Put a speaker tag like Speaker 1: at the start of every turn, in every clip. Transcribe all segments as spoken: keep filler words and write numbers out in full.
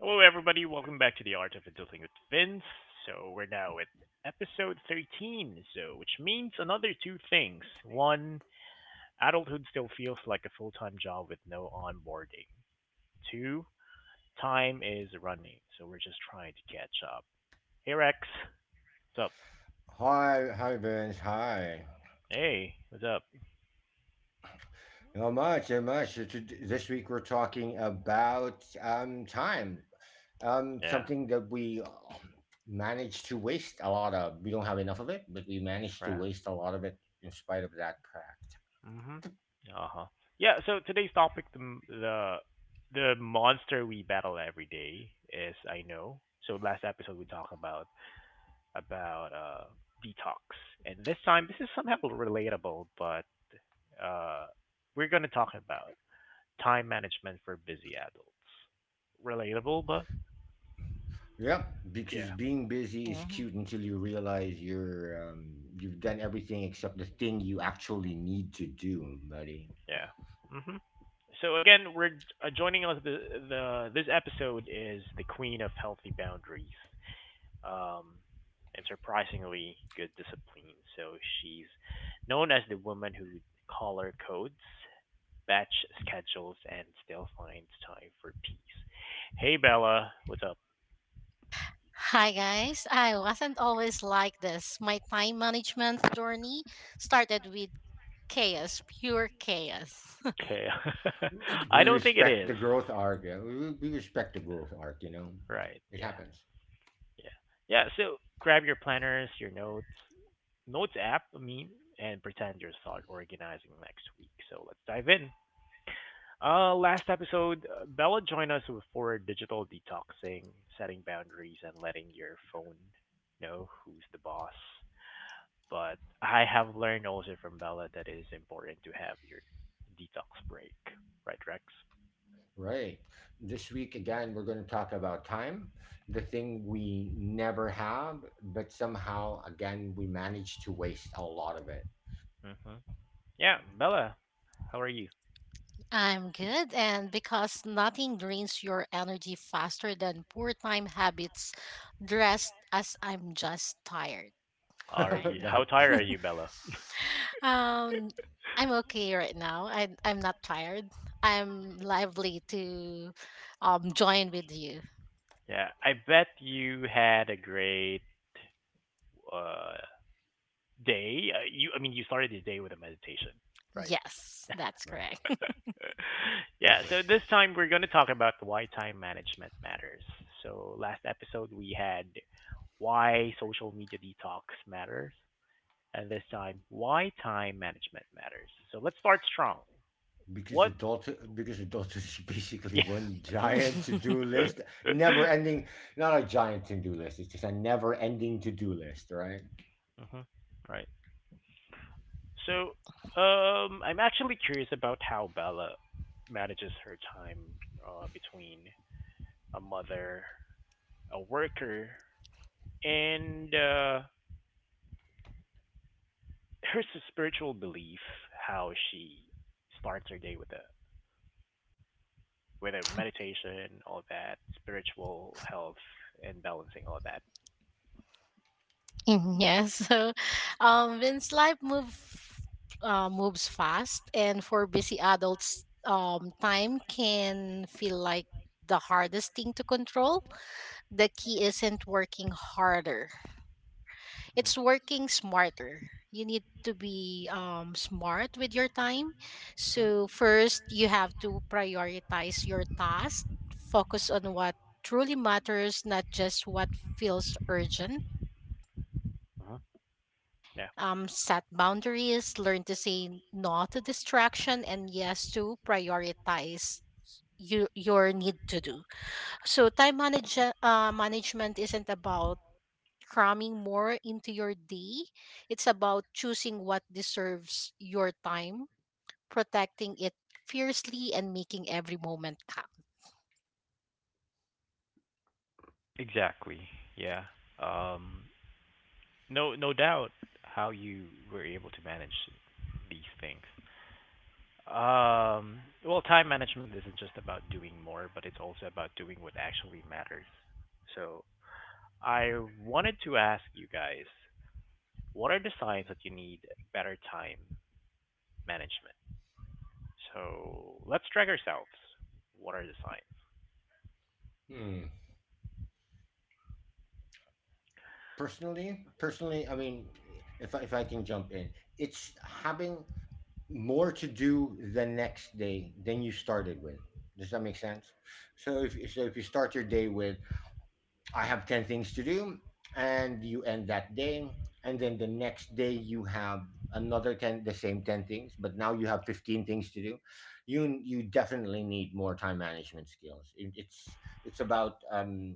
Speaker 1: Hello, everybody. Welcome back to the Art of Adulting with Vince. So we're now at episode thirteen, so which means another two things. One, adulthood still feels like a full-time job with no onboarding. Two, time is running, so we're just trying to catch up. Hey, Rex. What's up?
Speaker 2: Hi, hi, Vince. Hi.
Speaker 1: Hey, what's up?
Speaker 2: Not much, not much. So to, this week we're talking about um, time, um,
Speaker 1: Yeah.
Speaker 2: something that we um, manage to waste a lot of. We don't have enough of it, but we manage to
Speaker 1: Right.
Speaker 2: waste a lot of it in spite of that fact.
Speaker 1: Mhm. Uh huh. Yeah. So today's topic, the the the monster we battle every day is I know. So last episode we talked about about uh, detox. And this time, this is somehow relatable, but uh, we're going to talk about time management for busy adults. Relatable, but
Speaker 2: Yep, because
Speaker 1: yeah,
Speaker 2: being busy is
Speaker 3: Yeah.
Speaker 2: cute until you realize you're um, you've done everything except the thing you actually need to do, buddy.
Speaker 1: yeah. hmm So again, we're uh, joining us. The, the This episode is the queen of healthy boundaries, um, and surprisingly good discipline. So she's known as the woman who color codes, batch schedules, and still finds time for peace. Hey Bella, what's up?
Speaker 3: Hi guys, I wasn't always like this. My time management journey started with chaos, pure chaos.
Speaker 1: Okay.
Speaker 2: We
Speaker 1: I don't think it
Speaker 2: respect
Speaker 1: is.
Speaker 2: the growth arc. uh, We, we respect the growth arc, you know.
Speaker 1: Right.
Speaker 2: It
Speaker 1: Yeah.
Speaker 2: happens.
Speaker 1: Yeah. Yeah. So grab your planners, your notes, notes app, I mean, and pretend you're start organizing next week. So let's dive in. Uh, last episode, uh, Bella joined us for digital detoxing, setting boundaries, and letting your phone know who's the boss. But I have learned also from Bella that it is important to have your detox break, right, Rex?
Speaker 2: Right. This week, again, we're going to talk about time, the thing we never have, but somehow, again, we manage to waste a lot of it.
Speaker 1: hmm Yeah, Bella, how are you?
Speaker 3: I'm good, and because nothing drains your energy faster than poor time habits, dressed as I'm just tired,
Speaker 1: Are
Speaker 3: right?
Speaker 1: you how
Speaker 2: That-
Speaker 1: tired are you, Bella?
Speaker 3: um, I'm okay right now. I I'm not tired. I'm lively to um join with you.
Speaker 1: Yeah, I bet you had a great uh, day. Uh, you, I mean, you started the day with a meditation, right?
Speaker 3: Yes, that's
Speaker 2: right.
Speaker 3: correct.
Speaker 1: Yeah, so
Speaker 2: Perfect.
Speaker 1: this time we're going to talk about why time management matters. So last episode we had why social media detox matters, and this time why time management matters. So let's start strong.
Speaker 2: Because
Speaker 1: What?
Speaker 2: adulthood, because adulthood is basically
Speaker 1: Yeah.
Speaker 2: one giant to do list, never ending, not a giant to do list, it's just a never ending to do list, right?
Speaker 1: hmm Right. So um, I'm actually curious about how Bella manages her time uh, between a mother, a worker, and uh, her spiritual belief. How she starts her day with a with a meditation, all that spiritual health, and balancing all that.
Speaker 3: Yeah, so um, Vince life move uh, moves fast, and for busy adults, um, time can feel like the hardest thing to control. The key isn't working harder;
Speaker 1: Mhm,
Speaker 3: it's working smarter. You need to be um, smart with your time.
Speaker 1: mhm,
Speaker 3: So first, you have to prioritize your task. Focus on what truly matters, not just what feels urgent.
Speaker 1: mhm. Yeah.
Speaker 3: Um, set boundaries, learn to say no to distraction, and yes to prioritize you, your need to do. So, time manage, uh, management isn't about cramming more into your day, it's about choosing what deserves your time, protecting it fiercely and making every moment count.
Speaker 1: Exactly. Yeah. Um, no, no doubt how you were able to manage these things. Um, well, time management isn't just about doing more, but it's also about doing what actually matters. So I wanted to ask you guys, what are the signs that you need better time management? So let's track ourselves. What are the signs?
Speaker 2: Hmm. personally personally, I mean, if I, if i can jump in, it's having more to do the next day than you started with. Does that make sense? So if so if you start your day with, I have ten things to do, and you end that day, and then the next day you have another ten, the same ten things, but now you have fifteen things to do, you you definitely need more time management skills. it, it's it's about um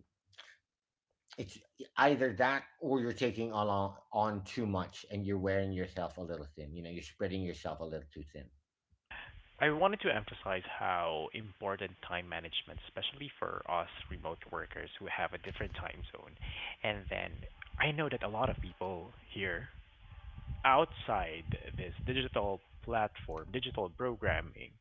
Speaker 2: it's either that, or you're taking on on too much, and you're wearing yourself a little thin. You know, you're spreading yourself a little too thin.
Speaker 1: I wanted to emphasize how important time management, especially for us remote workers who have a different time zone. And then I know that a lot of people here outside this digital platform, digital programming,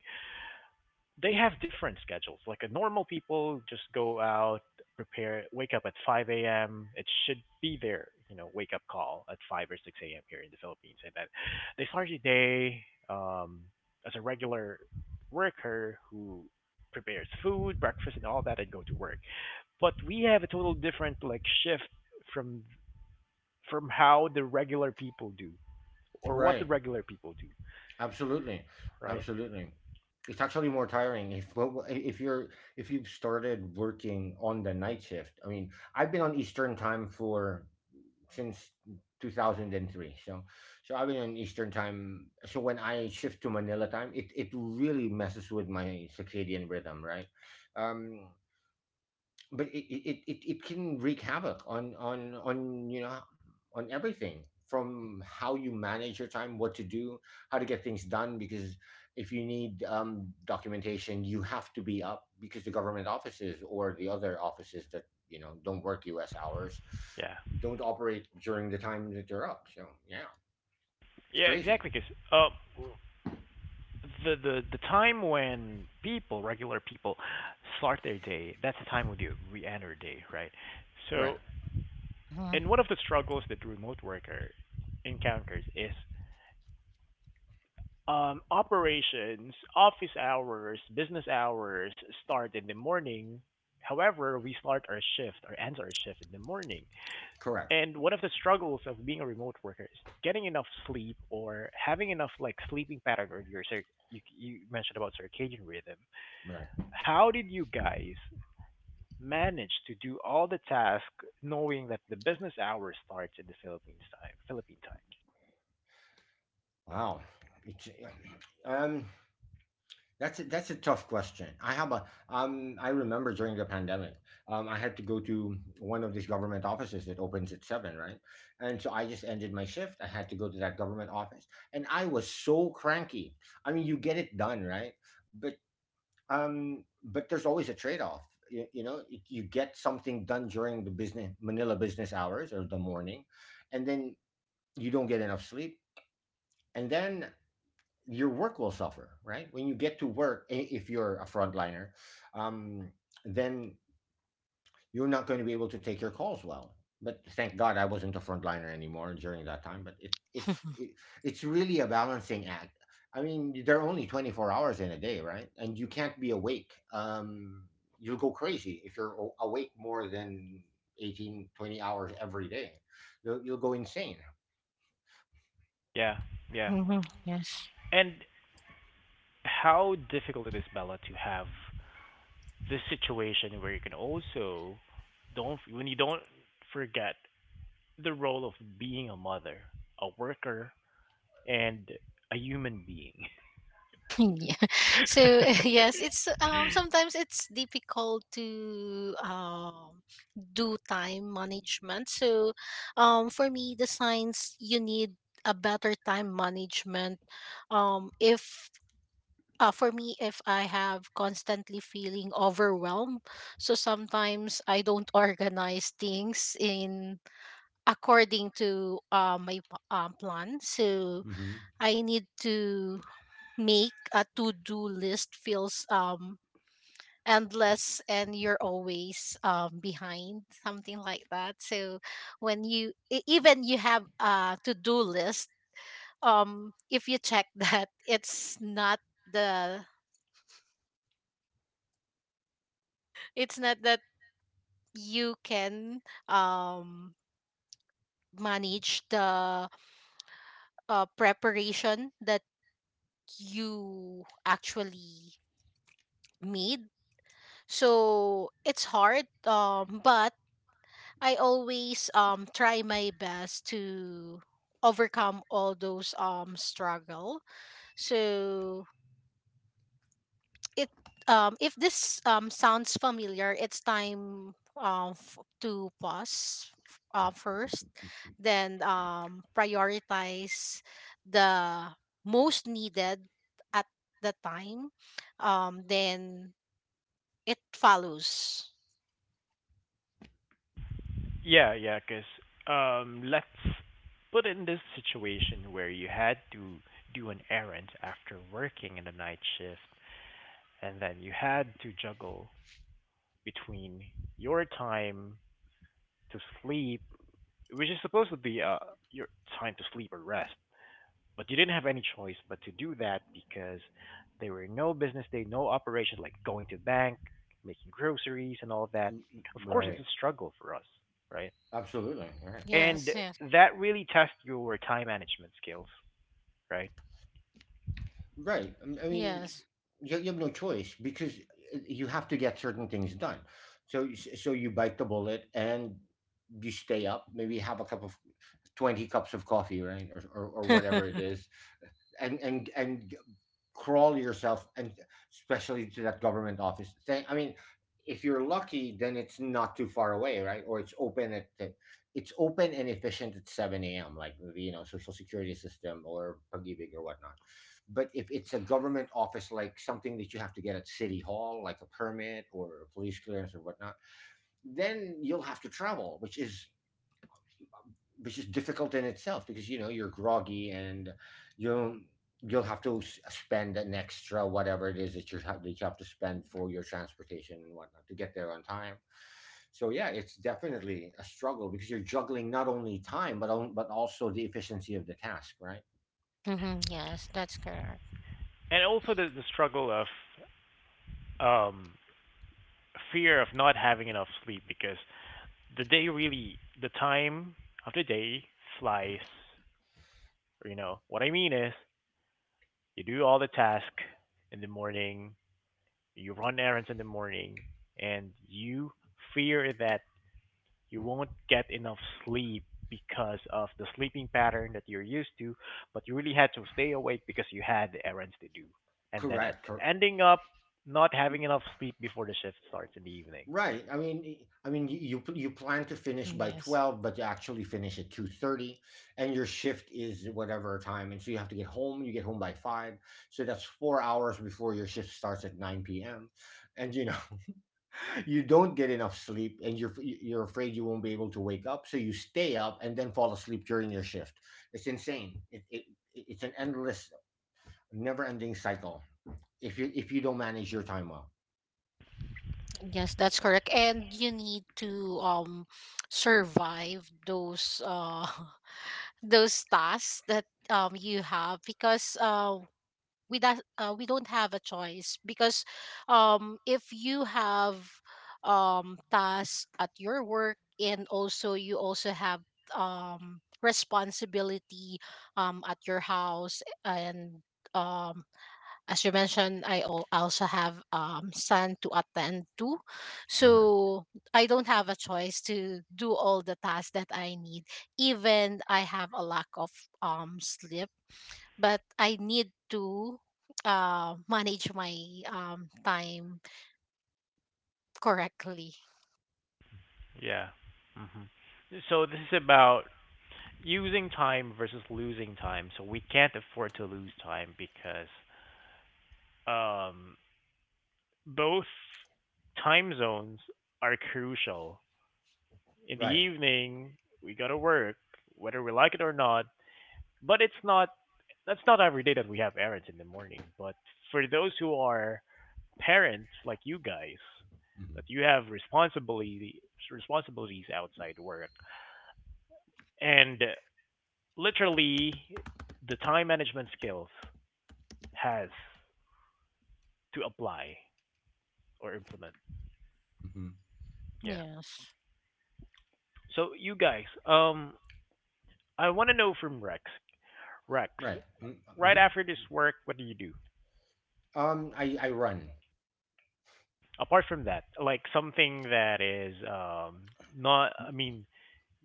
Speaker 1: they have different schedules. Like a normal people just go out, prepare, wake up at five a m. It should be their you know wake up call at five or six a m here in the Philippines, and then they start the day um, as a regular worker who prepares food, breakfast, and all that, and go to work. But we have a total different like shift from from how the regular people do or what the
Speaker 2: Right.
Speaker 1: regular people do,
Speaker 2: Absolutely.
Speaker 1: right?
Speaker 2: Absolutely. It's actually more tiring if well, if you're if you've started working on the night shift. I mean, I've been on Eastern time for since two thousand three. So so I've been on Eastern time. So when I shift to Manila time, it it really messes with my circadian rhythm, right? Um but it, it, it, it can wreak havoc on on on you know on everything, from how you manage your time, what to do, how to get things done, because if you need um, documentation, you have to be up, because the government offices, or the other offices that you know don't work US hours,
Speaker 1: Yeah.
Speaker 2: don't operate during the time that they're up. So yeah, it's
Speaker 1: Yeah,
Speaker 2: crazy.
Speaker 1: exactly. Because uh, the the the time when people, regular people, start their day, that's the time when you re-enter day, right?
Speaker 2: Right.
Speaker 1: So,
Speaker 3: Mm-hmm.
Speaker 1: and one of the struggles that the remote worker encounters is um, operations, office hours, business hours start in the morning. However, we start our shift or end our shift in the morning.
Speaker 2: Correct.
Speaker 1: And one of the struggles of being a remote worker is getting enough sleep or having enough like sleeping pattern or your you, you mentioned about circadian rhythm.
Speaker 2: Right.
Speaker 1: How did you guys manage to do all the tasks knowing that the business hour starts in the Philippines time, Philippine time?
Speaker 2: Wow, it's um That's a, that's a tough question. I have a um. I remember during the pandemic, um, I had to go to one of these government offices that opens at seven, right? And so I just ended my shift. I had to go to that government office, and I was so cranky. I mean, you get it done, right? But um, but there's always a trade off. You, you know, y- you get something done during the business Manila business hours, or the morning, and then you don't get enough sleep, and then your work will suffer, right? When you get to work, i- if you're a frontliner, um, then you're not going to be able to take your calls well. But thank God I wasn't a frontliner anymore during that time. But it, it's it, it's really a balancing act. I mean, there are only twenty-four hours in a day, right? And you can't be awake. Um, you'll go crazy if you're a- awake more than eighteen twenty hours every day. You'll, you'll go insane.
Speaker 1: Yeah, yeah.
Speaker 3: Mm-hmm. Yes.
Speaker 1: And how difficult it is, Bella, to have this situation where you can also don't when you don't forget the role of being a mother, a worker, and a human being.
Speaker 3: Yeah. So yes, it's um sometimes it's difficult to um do time management. So um for me the signs you need a better time management, um if uh, for me if I have constantly feeling overwhelmed, so sometimes I don't organize things in according to uh, my p- uh, plan. So
Speaker 2: Hmm.
Speaker 3: I need to make a to-do list, feels um endless and you're always um behind, something like that. So when you e- even you have a to-do list, um if you check that it's not the it's not that you can um manage the uh, preparation that you actually made. So it's hard, um but I always um try my best to overcome all those um struggle. So it, um if this um sounds familiar, it's time, um f- to pause f- uh, first, then um prioritize the most needed at the time. Um then it follows.
Speaker 1: Yeah, yeah, 'cause um let's put in this situation where you had to do an errand after working in the night shift and then you had to juggle between your time to sleep, which is supposed to be uh your time to sleep or rest, but you didn't have any choice but to do that because there were no business day, no operations like going to bank, making groceries and all that. Of course it's
Speaker 2: Right.
Speaker 1: a struggle for us, right?
Speaker 2: Absolutely. Right.
Speaker 1: And
Speaker 3: Yes, yes,
Speaker 1: that really tests your time management skills, right?
Speaker 2: Right. Um, I mean,
Speaker 3: yes.
Speaker 2: you you have no choice, because uh, you have to get certain things done. So so you bite the bullet and you stay up. Maybe have a cup of twenty cups of coffee, right, or or, or whatever it is, and and and crawl yourself, and especially to that government office thing. I mean, if you're lucky, then it's not too far away, right? Or it's open at it's open and efficient at seven a m, like the, you know Social Security System, or Pagibig, or whatnot. But if it's a government office, like something that you have to get at City Hall, like a permit or a police clearance or whatnot, then you'll have to travel, which is which is difficult in itself, because you know you're groggy, and you'll you'll have to s- spend an extra whatever it is, that you have, that you have to spend for your transportation and whatnot, to get there on time. So yeah, it's definitely a struggle, because you're juggling not only time, but on, but also the efficiency of the task, right?
Speaker 3: hmm Yes, that's correct.
Speaker 1: And also the the struggle of um, fear of not having enough sleep because the day really the time of the day flies. You know what I mean is you do all the task in the morning, you run errands in the morning, and you fear that you won't get enough sleep because of the sleeping pattern that you're used to, but you really had to stay awake because you had errands to do. And then at-
Speaker 2: Correct. Correct.
Speaker 1: ending up not having enough sleep before the shift starts in the evening.
Speaker 2: Right. I mean, I mean, you you pl- you plan to finish by
Speaker 3: Yes.
Speaker 2: twelve, but you actually finish at two thirty, and your shift is whatever time, and so you have to get home. You get home by five, so that's four hours before your shift starts at nine p m. And you know, you don't get enough sleep, and you're f- y- you're afraid you won't be able to wake up, so you stay up and then fall asleep during your shift. It's insane. It, it it- it's an endless, never-ending cycle if you if you don't manage your time well.
Speaker 3: Yes, that's correct. And you need to um survive those uh those tasks that um you have, because uh we that uh, we don't have a choice. Because um if you have um tasks at your work and also you also have um responsibility um at your house, and, um as you mentioned, I al- also have um son to attend to, so I don't have a choice to do all the tasks that I need. Even I have a lack of um sleep, but I need to uh manage my um time correctly.
Speaker 1: Yeah. hmm So this is about using time versus losing time. So we can't afford to lose time because um, both time zones are crucial. In the
Speaker 2: Right.
Speaker 1: evening, we gotta work, whether we like it or not. But it's not that's not every day that we have errands in the morning. But for those who are parents like you guys,
Speaker 2: Hmm.
Speaker 1: that you have responsibility responsibilities outside work, and literally the time management skills has to apply or implement.
Speaker 2: Hmm.
Speaker 1: Yeah.
Speaker 3: Yes.
Speaker 1: So you guys, um, I want to know from Rex. Rex,
Speaker 2: Right. Mm,
Speaker 1: right
Speaker 2: mhm.
Speaker 1: after this work, what do you do?
Speaker 2: Um, I I run,
Speaker 1: Apart from that, like something that is um not, I mean,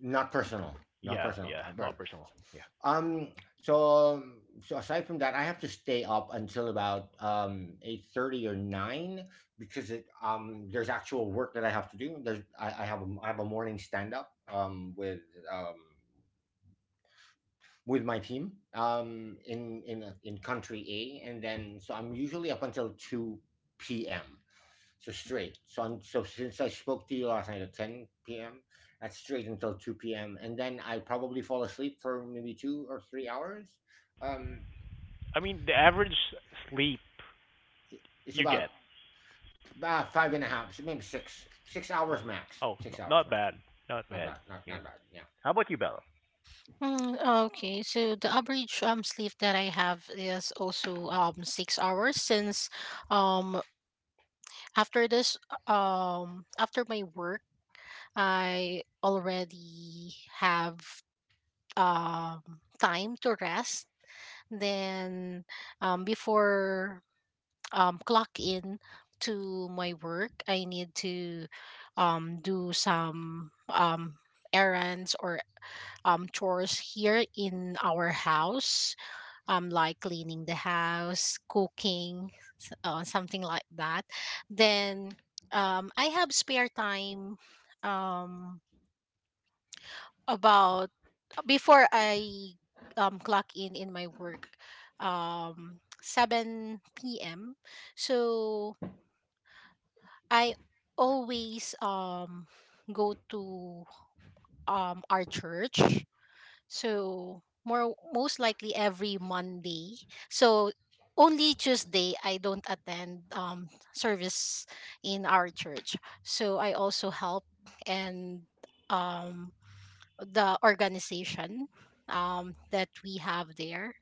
Speaker 2: not personal, not
Speaker 1: yeah,
Speaker 2: personal.
Speaker 1: yeah,
Speaker 2: I run.
Speaker 1: not personal. Yeah.
Speaker 2: Um, so so aside from that, I have to stay up until about um eight thirty or nine, because it um there's actual work that I have to do. There's I, I have a, I have a morning stand up um with um with my team um in in in country A, and then so I'm usually up until two p m. So straight. So I'm. so since I spoke to you last night at ten p m, that's straight until two p m. And then I probably fall asleep for maybe two or three hours. Um,
Speaker 1: I mean, the average sleep
Speaker 2: it's
Speaker 1: you get.
Speaker 2: about uh, five and a half, so maybe six, six
Speaker 1: No,
Speaker 2: hours max.
Speaker 1: oh, no,
Speaker 2: Six hours
Speaker 1: not
Speaker 2: max.
Speaker 1: bad. Not
Speaker 2: Not
Speaker 1: bad.
Speaker 2: bad. Not
Speaker 1: Yeah.
Speaker 2: not bad. Yeah.
Speaker 1: How about you, Bella?
Speaker 3: Mm, okay, so the average um sleep that I have is also um six hours, since um after this, um after my work, I already have, um, time to rest. Then, um, before, um, clock in to my work, I need to, um, do some, um, errands or, um, chores here in our house, um, like cleaning the house, cooking, s- uh, something like that. Then, um, I have spare time, um, about before I um clock in in my work, um seven p m. So I always um go to um our church. So more most likely every Monday. So only Tuesday I don't attend um service in our church. So I also help and, um the organization, um, that we have there,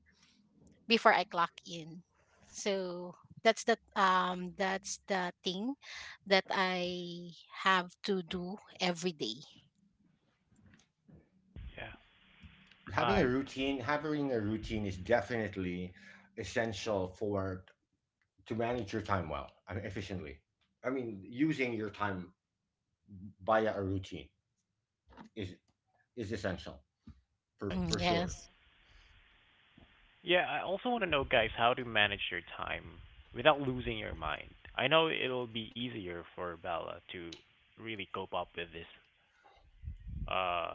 Speaker 3: before I clock in. So that's the, um, that's the thing that I have to do every day.
Speaker 1: Yeah.
Speaker 2: Having a
Speaker 1: I
Speaker 2: routine, having a routine is definitely essential for to manage your time well, I mean, efficiently. I mean, using your time via a routine is is essential for
Speaker 3: Mhm.
Speaker 2: for sure.
Speaker 3: Yes.
Speaker 1: yeah, I also want to know guys how to manage your time without losing your mind. I know it'll be easier for Bella to really cope up with this uh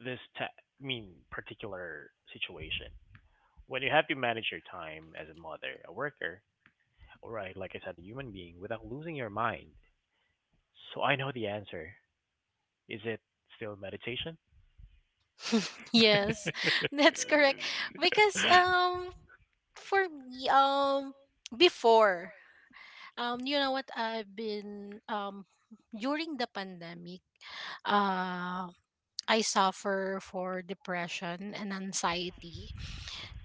Speaker 1: this ta- I mean particular situation. When you have to manage your time as a mother, a worker, or right, like I said, a human being without losing your mind. So I know the answer. Is it still meditation?
Speaker 3: Yes. That's correct. Because um for me, um before, Um, you know what? I've been um during the pandemic, uh I suffer for depression and anxiety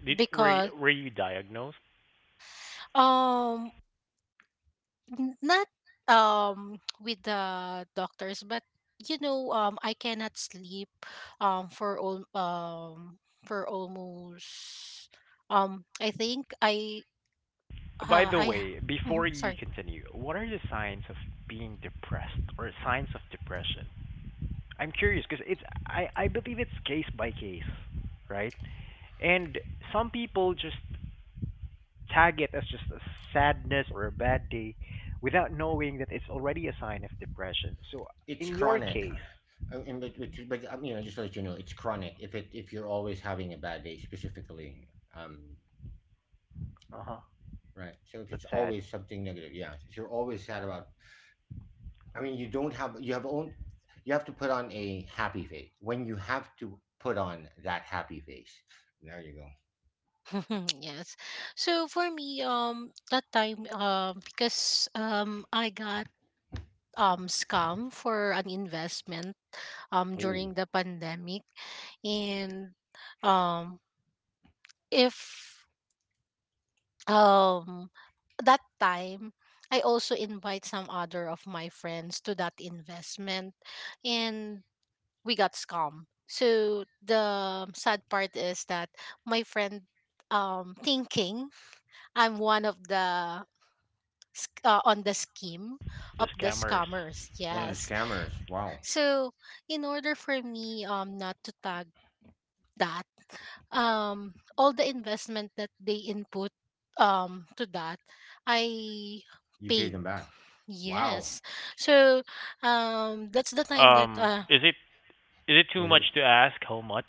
Speaker 1: Did were y-
Speaker 3: because
Speaker 1: were you diagnosed?
Speaker 3: um n- not um with the doctors, but you know, um I cannot sleep um for all um for almost, um I think I
Speaker 1: By
Speaker 3: uh,
Speaker 1: the
Speaker 3: I
Speaker 1: way,
Speaker 3: Mhm,
Speaker 1: before you
Speaker 3: sorry.
Speaker 1: continue, what are the signs of being depressed or signs of depression? I'm curious because it's I I believe it's case by case, right? And some people just tag it as just a sadness or a bad day without knowing that it's already a sign of depression. So
Speaker 2: It's
Speaker 1: in your
Speaker 2: chronic.
Speaker 1: case,
Speaker 2: Uh, and but, but, but um, you know, just to let you know, it's chronic. If it if you're always having a bad day, specifically, um,
Speaker 1: uh-huh,
Speaker 2: right. So if
Speaker 1: that's
Speaker 2: it's
Speaker 1: sad.
Speaker 2: always something negative, yeah. If you're always sad about, I
Speaker 1: Um,
Speaker 2: mean, you don't have you have own, you have to put on a happy face. When you have to put on that happy face, there you go.
Speaker 3: Yes. So for me, um, that time, um, because, um, I got um scam for an investment, um
Speaker 2: Oh,
Speaker 3: during the pandemic, and, um, if um that time I also invite some other of my friends to that investment, and we got scammed. So the sad part is that my friend um thinking I'm one of the sc- uh, on the scheme
Speaker 1: the
Speaker 3: of the
Speaker 1: scammers.
Speaker 3: scammers.
Speaker 2: one of
Speaker 1: Yeah.
Speaker 2: the
Speaker 3: Yes.
Speaker 2: scammers. Wow,
Speaker 3: So in order for me, um not to tag that, um all the investment that they input um to that, I
Speaker 2: you paid
Speaker 3: paid.
Speaker 2: them back. Wow,
Speaker 3: Yes. So um that's the time that
Speaker 1: Um,
Speaker 3: uh
Speaker 1: is it is it too
Speaker 2: was it?
Speaker 1: much to ask how much?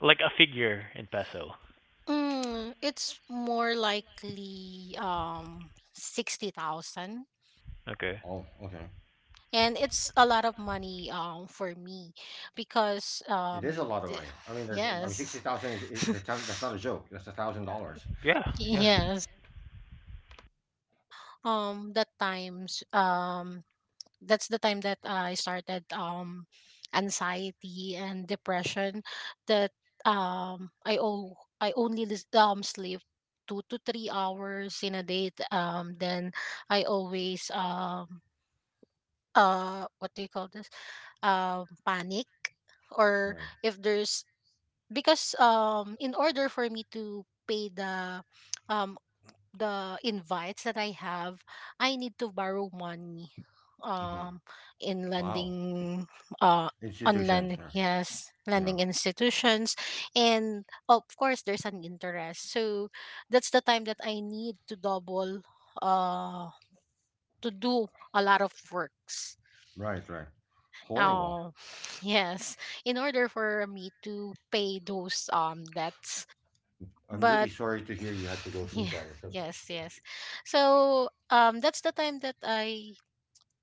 Speaker 1: Like a figure in peso.
Speaker 3: mm, it's more likely um sixty thousand,
Speaker 1: Okay.
Speaker 2: Oh, okay.
Speaker 3: and it's a lot of money um for me, because
Speaker 2: It
Speaker 3: um
Speaker 2: is a lot of
Speaker 3: th-
Speaker 2: money. I mean, that's I mean, sixty
Speaker 3: yes
Speaker 2: thousand is, is that's not that's not a joke. That's a thousand dollars.
Speaker 1: Yeah, yeah.
Speaker 3: yes. Um that times, um that's the time that I started um anxiety and depression, that um i all I only lis- um sleep two to three hours in a day, t- um then I always, um uh, what do you call this, um panic, or
Speaker 2: Right.
Speaker 3: if there's, because um in order for me to pay the, um the invites that I have, I need to borrow money,
Speaker 2: Mhm.
Speaker 3: um in
Speaker 2: Wow.
Speaker 3: lending, uh on
Speaker 2: Institutions,
Speaker 3: lending
Speaker 2: yeah.
Speaker 3: yes
Speaker 2: Yeah.
Speaker 3: lending institutions. And of course there's an interest, so that's the time that I need to double, uh to do a lot of works.
Speaker 2: Right, right. Horrible.
Speaker 3: Oh, yes, in order for me to pay those um debts,
Speaker 2: I'm really
Speaker 3: but
Speaker 2: sorry to hear you had to go through
Speaker 3: yeah,
Speaker 2: that. It's a
Speaker 3: yes, yes. So um that's the time that i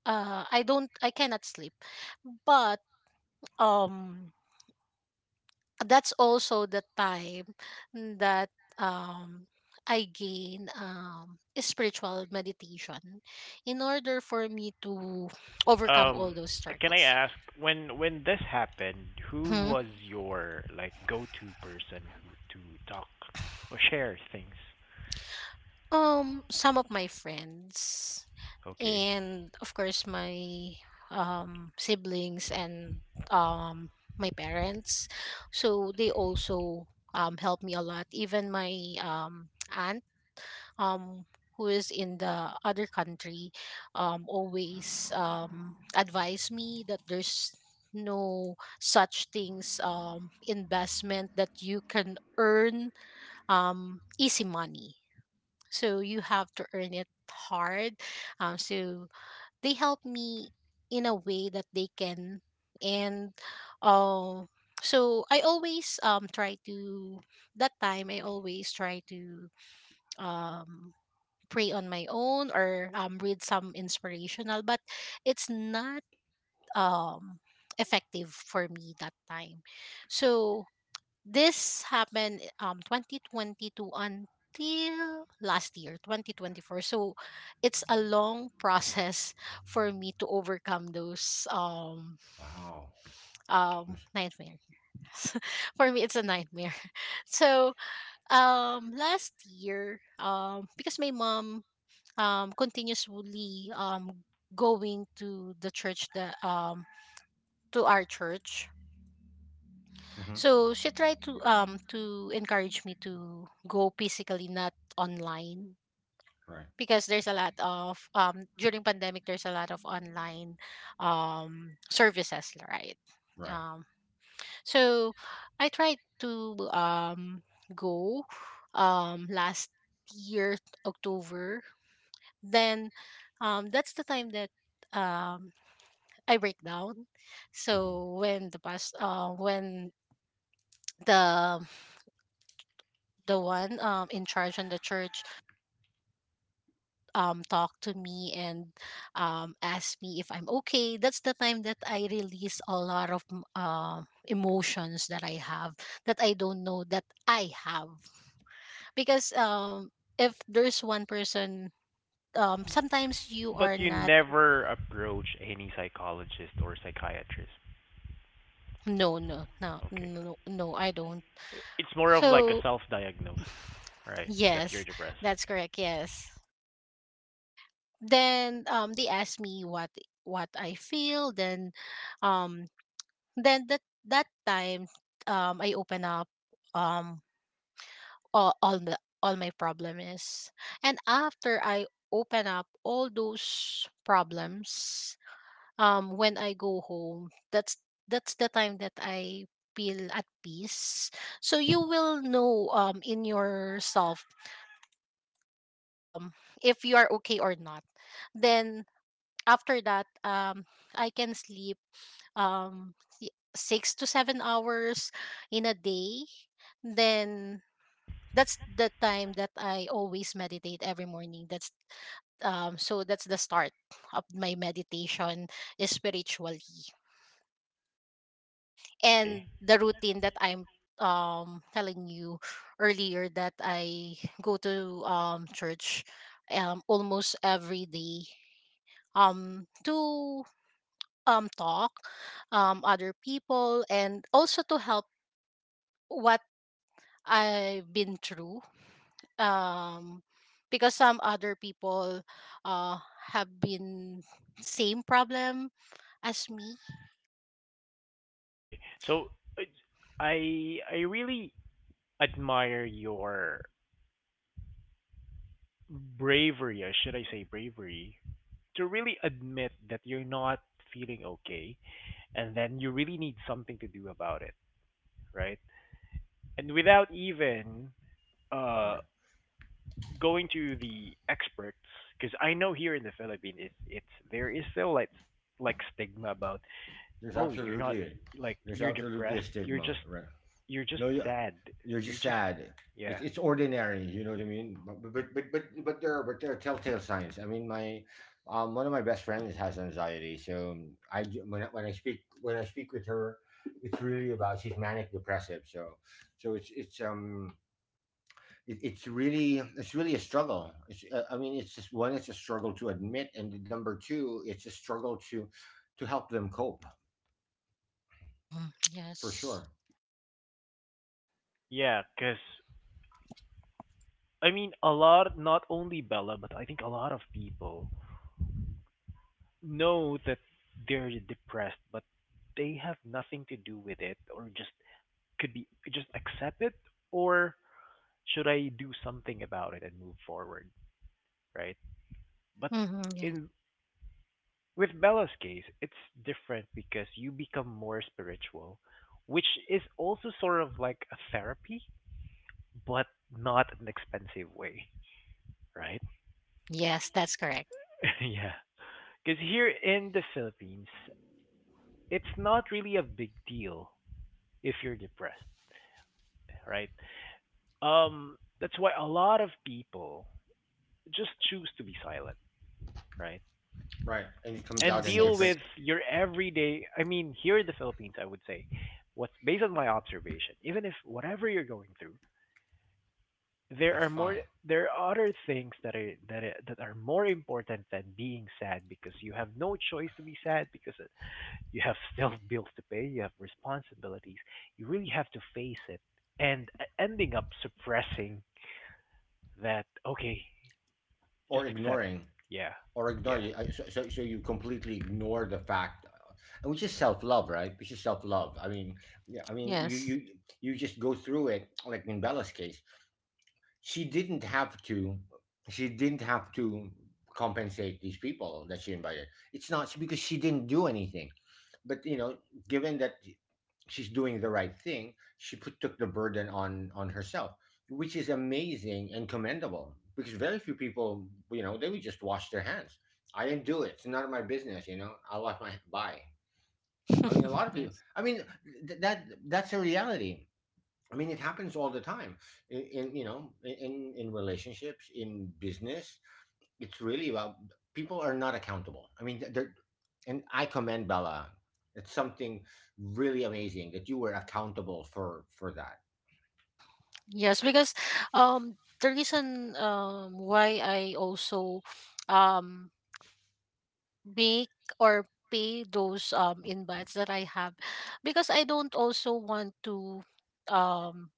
Speaker 3: uh i don't I cannot sleep, but, um that's also the time that, um I gain um a spiritual meditation in order for me to overcome all
Speaker 1: Um,
Speaker 3: those
Speaker 1: can I
Speaker 3: struggles.
Speaker 1: ask when when this happened, who
Speaker 3: Hmm.
Speaker 1: was your like go-to person who to talk or share things?
Speaker 3: Um some of my friends,
Speaker 1: Okay.
Speaker 3: and of course my um siblings and um my parents, so they also um helped me a lot. Even my um aunt, um who is in the other country, um always um advised me that there's no such things, um investment that you can earn um easy money, so you have to earn it hard. Um so they help me in a way that they can, and um so I always um try to, that time I always try to, um pray on my own, or um read some inspirational, but it's not um effective for me that time. So this happened um twenty twenty-two until last year, twenty twenty-four. So it's a long process for me to overcome those um
Speaker 2: wow.
Speaker 3: um nightmares. For me it's a nightmare. So um last year, um because my mom um continuously um going to the church, that um to our church,
Speaker 2: Mm-hmm.
Speaker 3: so she tried to um to encourage me to go physically, not online,
Speaker 2: Right,
Speaker 3: because there's a lot of, um during pandemic there's a lot of online um services, right?
Speaker 2: right.
Speaker 3: Um, so I tried to um go, um last year October. Then um that's the time that um I break down.
Speaker 2: Hmm.
Speaker 3: So when the past uh when the the one um in charge in the church um talked to me and um asked me if I'm okay. That's the time that I release a lot of m- um emotions that I have, that I don't know that I have, because um if there's one person, um sometimes you are
Speaker 1: But you
Speaker 3: not.
Speaker 1: never approach any psychologist or psychiatrist.
Speaker 3: No, no, no,
Speaker 1: Okay.
Speaker 3: no, no, I don't.
Speaker 1: It's more of like a
Speaker 3: So
Speaker 1: self-diagnosis, right? That you're
Speaker 3: yes,
Speaker 1: depressed.
Speaker 3: that's
Speaker 1: Okay.
Speaker 3: correct. Yes. Then um they asked me what what I feel. Then um then that that time, um, I open up, um, all all the all my problem is, and after I open up all those problems, um, when I go home, that's that's the time that I feel at peace. So you will know, um, in yourself, um, if you are okay or not. Then after that, um, I can sleep, um y- six to seven hours in a day. Then that's the time that I always meditate every morning. That's, um so that's the start of my meditation spiritually,
Speaker 1: Okay.
Speaker 3: and the routine that I'm um telling you earlier, that I go to um church um almost every day um to um talk um other people, and also to help what I've been through. Um, because some other people, uh, have been same problem as me.
Speaker 1: Okay. So it's- I I really admire your bravery, or should I say bravery, to really admit that you're not feeling okay and then you really need something to do about it, right? And without even uh,
Speaker 2: Right.
Speaker 1: going to the experts, because I know here in the Philippines, it's, it's there is still like like stigma about
Speaker 2: There's
Speaker 1: oh you're not
Speaker 2: absolutely,
Speaker 1: like
Speaker 2: there's
Speaker 1: you're
Speaker 2: absolutely a
Speaker 1: depressed, you're just
Speaker 2: stigma, right?
Speaker 1: you're just
Speaker 2: No, you
Speaker 1: sad,
Speaker 2: you're
Speaker 1: you're
Speaker 2: just
Speaker 1: just
Speaker 2: sad. It's
Speaker 1: yeah
Speaker 2: it's ordinary, you know what I mean? But but but but but there are but there are telltale signs. I mean, my um one of my best friends has anxiety, so um, I do- when I, when I speak when I speak with her, it's really about she's manic depressive. So so it's it's um it, it's really it's really a struggle. It's uh, I mean, it's just one it's a struggle to admit, and number two it's a struggle to to help them cope,
Speaker 3: Hmm
Speaker 2: for
Speaker 3: Yes.
Speaker 2: sure.
Speaker 1: yeah because I mean, a lot, not only Bella, but I think a lot of people know that they're depressed, but they have nothing to do with it, or just could be just accept it, or should I do something about it and move forward, right? But
Speaker 3: hmm Yes.
Speaker 1: in with Bella's case, it's different because you become more spiritual, which is also sort of like a therapy, but not an expensive way, right?
Speaker 3: Yes, that's correct.
Speaker 1: Yeah. Because here in the Philippines, it's not really a big deal if you're depressed, right? Um, that's why a lot of people just choose to be silent, right?
Speaker 2: Right, and it comes
Speaker 1: And
Speaker 2: out
Speaker 3: Yes,
Speaker 2: in
Speaker 1: deal
Speaker 3: yes,
Speaker 2: different.
Speaker 1: with your everyday. I mean, here in the Philippines, I would say, what's based on my observation, even if whatever you're going through, there
Speaker 2: It's
Speaker 1: are more,
Speaker 2: fine.
Speaker 1: there are other things that are that are, that are more important than being sad because you have no choice to be sad because you have still bills to pay, you have responsibilities. You really have to face it and uh, ending up suppressing that okay,
Speaker 2: Or
Speaker 1: just accept.
Speaker 2: ignoring,
Speaker 1: Yeah.
Speaker 2: or ignore
Speaker 1: Yeah.
Speaker 2: you. I- So, so, so you completely ignore the fact, uh, which is self love, right? Which is self love. I mean, yeah, I mean, you you
Speaker 3: yes,
Speaker 2: you just go through it, like in Bella's case, she didn't have to she didn't have to compensate these people that she invited. It's not because she didn't do anything, but, you know given that she's doing the right thing, she put took the burden on on herself, which is amazing and commendable, because very few people, you know they would just wash their hands. I didn't do it, it's none of my business, you know, I'll wash my bye. I mean, a lot of people,
Speaker 3: yes,
Speaker 2: I mean, th- that that's a reality. I mean, it happens all the time, in, in you know in in relationships, in business. It's really about people are not accountable. I mean, they're, and I commend Bella. It's something really amazing that you were accountable for for that.
Speaker 3: yes. Because, um, the reason, um why I also um make or pay those um invites that I have, because I don't also want to, um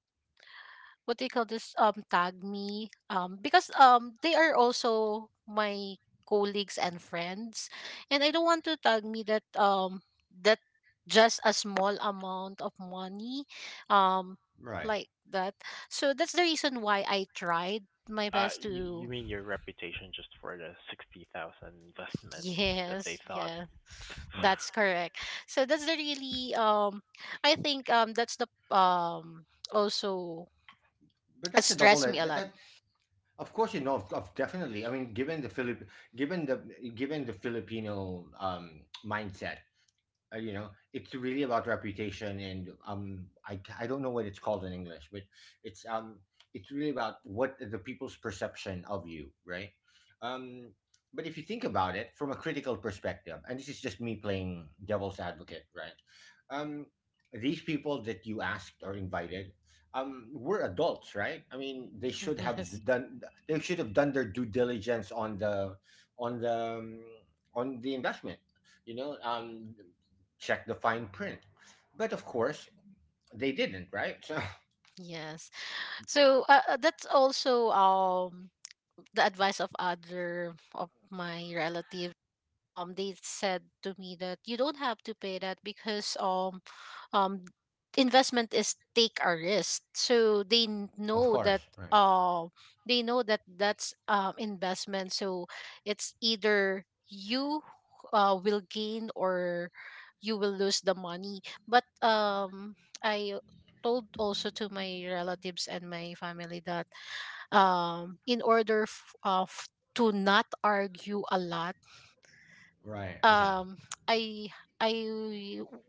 Speaker 3: what they call this, um tag me, um because um they are also my colleagues and friends, and I don't want to tag me that, um that just a small amount of money, um
Speaker 2: Right,
Speaker 3: like that. So that's the reason why I tried my
Speaker 1: Uh,
Speaker 3: best
Speaker 1: you, you
Speaker 3: to
Speaker 1: mean your reputation just for the sixty thousand investment that they
Speaker 3: yes,
Speaker 1: thought?
Speaker 3: yeah,
Speaker 2: right.
Speaker 3: that's correct. So that's the really, um I think um that's the, um also
Speaker 2: But that's a double
Speaker 3: stress me a
Speaker 2: that,
Speaker 3: lot.
Speaker 2: that Of course, you know of, of definitely. I mean, given the Philip, given the given the Filipino um, mindset, uh, you know it's really about reputation and um I, I don't know what it's called in English but it's um it's really about what the people's perception of you, right? um but if you think about it from a critical perspective, and this is just me playing devil's advocate, right? um these people that you asked or invited um were adults, right? I mean, they should have
Speaker 3: Yes,
Speaker 2: d- done they should have done their due diligence on the on the um, on the investment, you know? Um check the fine print. But of course, they didn't, right? So,
Speaker 3: yes. So, uh, uh, that's also um the advice of other of my relatives. Um, they said to me that you don't have to pay that because, um um investment is take a risk. So they n-
Speaker 2: of
Speaker 3: know
Speaker 2: course,
Speaker 3: that,
Speaker 2: right,
Speaker 3: uh they know that that's um investment. So it's either you uh will gain or you will lose the money. But um I told also to my relatives and my family that um in order f- uh, f- to not argue a lot,
Speaker 2: right, okay,
Speaker 3: um I I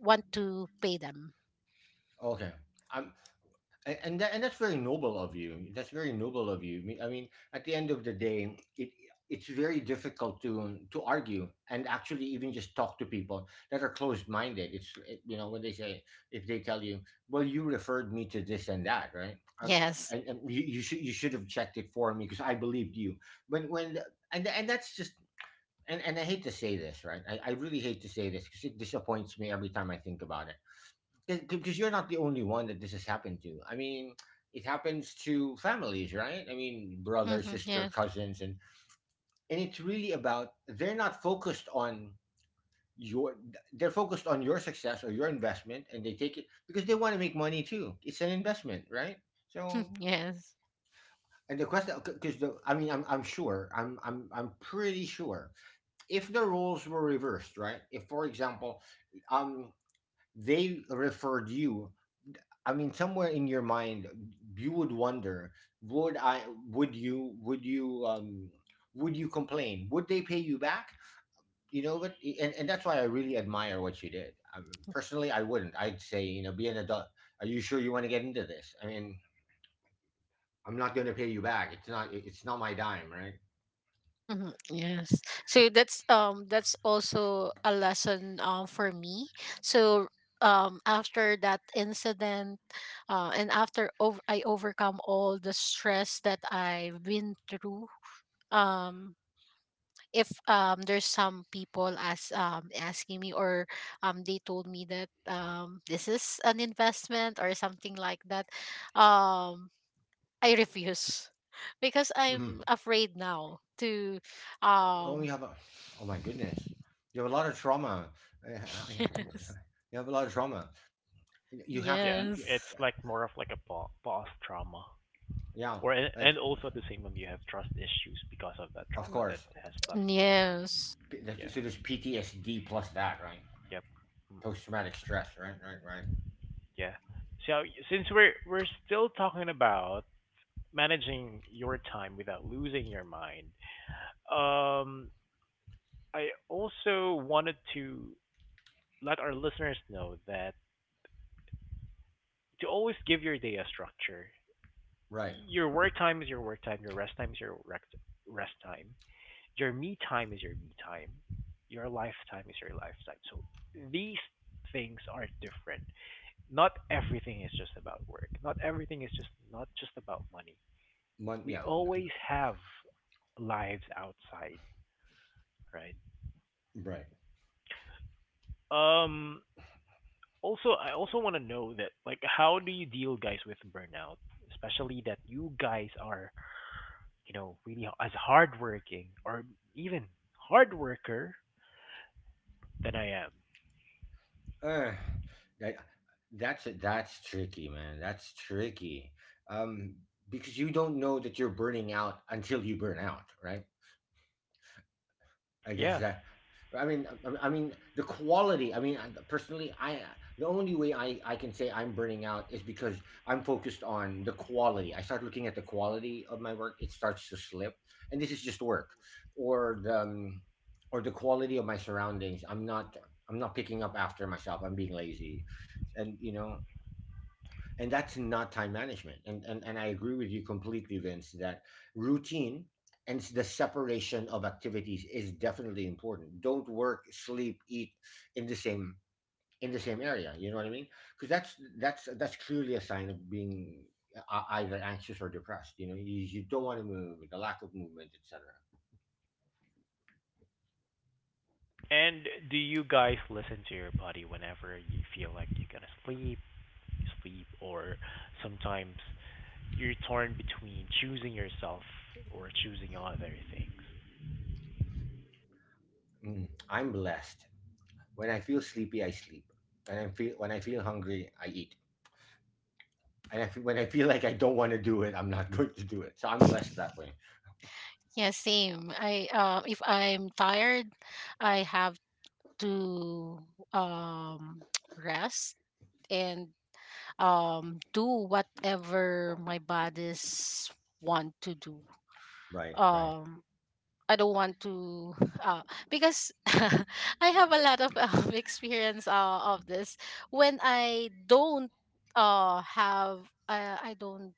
Speaker 3: want to pay them.
Speaker 2: okay. Um, a- and that, and that's very noble of you. That's very noble of you. I mean, I mean, at the end of the day, it it's very difficult to to argue and actually even just talk to people that are closed minded. It's it, you know when they say if they tell you, well, you referred me to this and that, right? Um,
Speaker 3: Yes.
Speaker 2: and, and you, you should you should have checked it for me because I believed you. When when and and that's just and and I hate to say this, right? I, I really hate to say this because it disappoints me every time I think about it. Because you're not the only one that this has happened to. I mean, it happens to families, right? I mean, brother,
Speaker 3: Mhm,
Speaker 2: sister,
Speaker 3: yes.
Speaker 2: cousins, and and it's really about they're not focused on your they're focused on your success or your investment, and they take it because they want to make money too. It's an investment, right? So.
Speaker 3: Yes.
Speaker 2: And the question, because the, I mean, I'm, I'm sure, I'm, I'm, I'm pretty sure if the roles were reversed, right? If, for example, um, they referred you, I mean, somewhere in your mind, you would wonder, would I, would you, would you, um, would you complain? Would they pay you back? You know, but and, and that's why I really admire what you did. Um, personally, I wouldn't. I'd say, you know, be an adult. Are you sure you want to get into this? I mean, I'm not going to pay you back. It's not. It's not my dime, right?
Speaker 3: Mhm, yes. So that's um that's also a lesson um for me. So um after that incident uh, and after ov- I overcome all the stress that I've been through. um if um there's some people as um asking me or um they told me that um this is an investment or something like that, um I refuse, because I'm afraid now to.
Speaker 2: Oh,
Speaker 3: um
Speaker 2: you have a, oh my goodness, you have a lot of trauma. Uh,
Speaker 3: yes,
Speaker 2: You have a lot of trauma. You have,
Speaker 1: Yeah, it's
Speaker 3: yes,
Speaker 1: like more of like a bo- boss trauma.
Speaker 2: yeah,
Speaker 1: Or and,
Speaker 2: like
Speaker 1: and also at the same time you have trust issues because of that
Speaker 2: of
Speaker 1: trauma that
Speaker 2: course.
Speaker 1: has left.
Speaker 3: yes.
Speaker 2: P-
Speaker 1: Yeah.
Speaker 2: So there's P T S D plus that, right?
Speaker 1: Yep. Mm-mm.
Speaker 2: Post traumatic stress, right, right, right,
Speaker 1: Yeah. So since we're we're still talking about managing your time without losing your mind. Um, I also wanted to let our listeners know that to always give your day a structure.
Speaker 2: right.
Speaker 1: Your work time is your work time. Your rest time is your rec- rest time. Your me time is your me time. Your lifetime is your lifetime. So these things are different. Not everything is just about work. Not everything is just not just about money.
Speaker 2: Mon-
Speaker 1: We
Speaker 2: yeah, n- n-
Speaker 1: always have lives outside, right?
Speaker 2: right.
Speaker 1: Um, Also, I also want to know that, like, how do you deal, guys, with burnout? Especially that you guys are, you know, really h- as hardworking or even hard worker than I am.
Speaker 2: Uh, like, that's that's tricky, man. That's tricky. Um, because you don't know that you're burning out until you burn out, right? I guess
Speaker 1: Yeah.
Speaker 2: that. I mean, I I mean the quality. I mean, I- personally, I the only way I I can say I'm burning out is because I'm focused on the quality. I start looking at the quality of my work; it starts to slip, and this is just work, or the um, or the quality of my surroundings. I'm not I'm not picking up after myself. I'm being lazy, and you know and that's not time management, and, and and I agree with you completely, Vince, that routine and the separation of activities is definitely important. Don't work, sleep, eat in the same in the same area, you know what I mean? Because that's that's that's clearly a sign of being uh, uh, either anxious or depressed, you know? You, you don't want to move, the lack of movement, etc.
Speaker 1: And do you guys listen to your body? Whenever you feel like you're gonna sleep, you sleep, or sometimes you're torn between choosing yourself or choosing other things?
Speaker 2: Mm, I'm blessed. When I feel sleepy I sleep, and I feel when I feel hungry I eat. And I feel, when I feel like I don't want to do it, I'm not going to do it. So I'm blessed that way.
Speaker 3: Yeah, same. I uh, If I'm tired, I have to um rest and um do whatever my bodies want to do.
Speaker 2: Right, right,
Speaker 3: um I don't want to, uh because I have a lot of um, experience uh, of this. When I don't uh have uh, I don't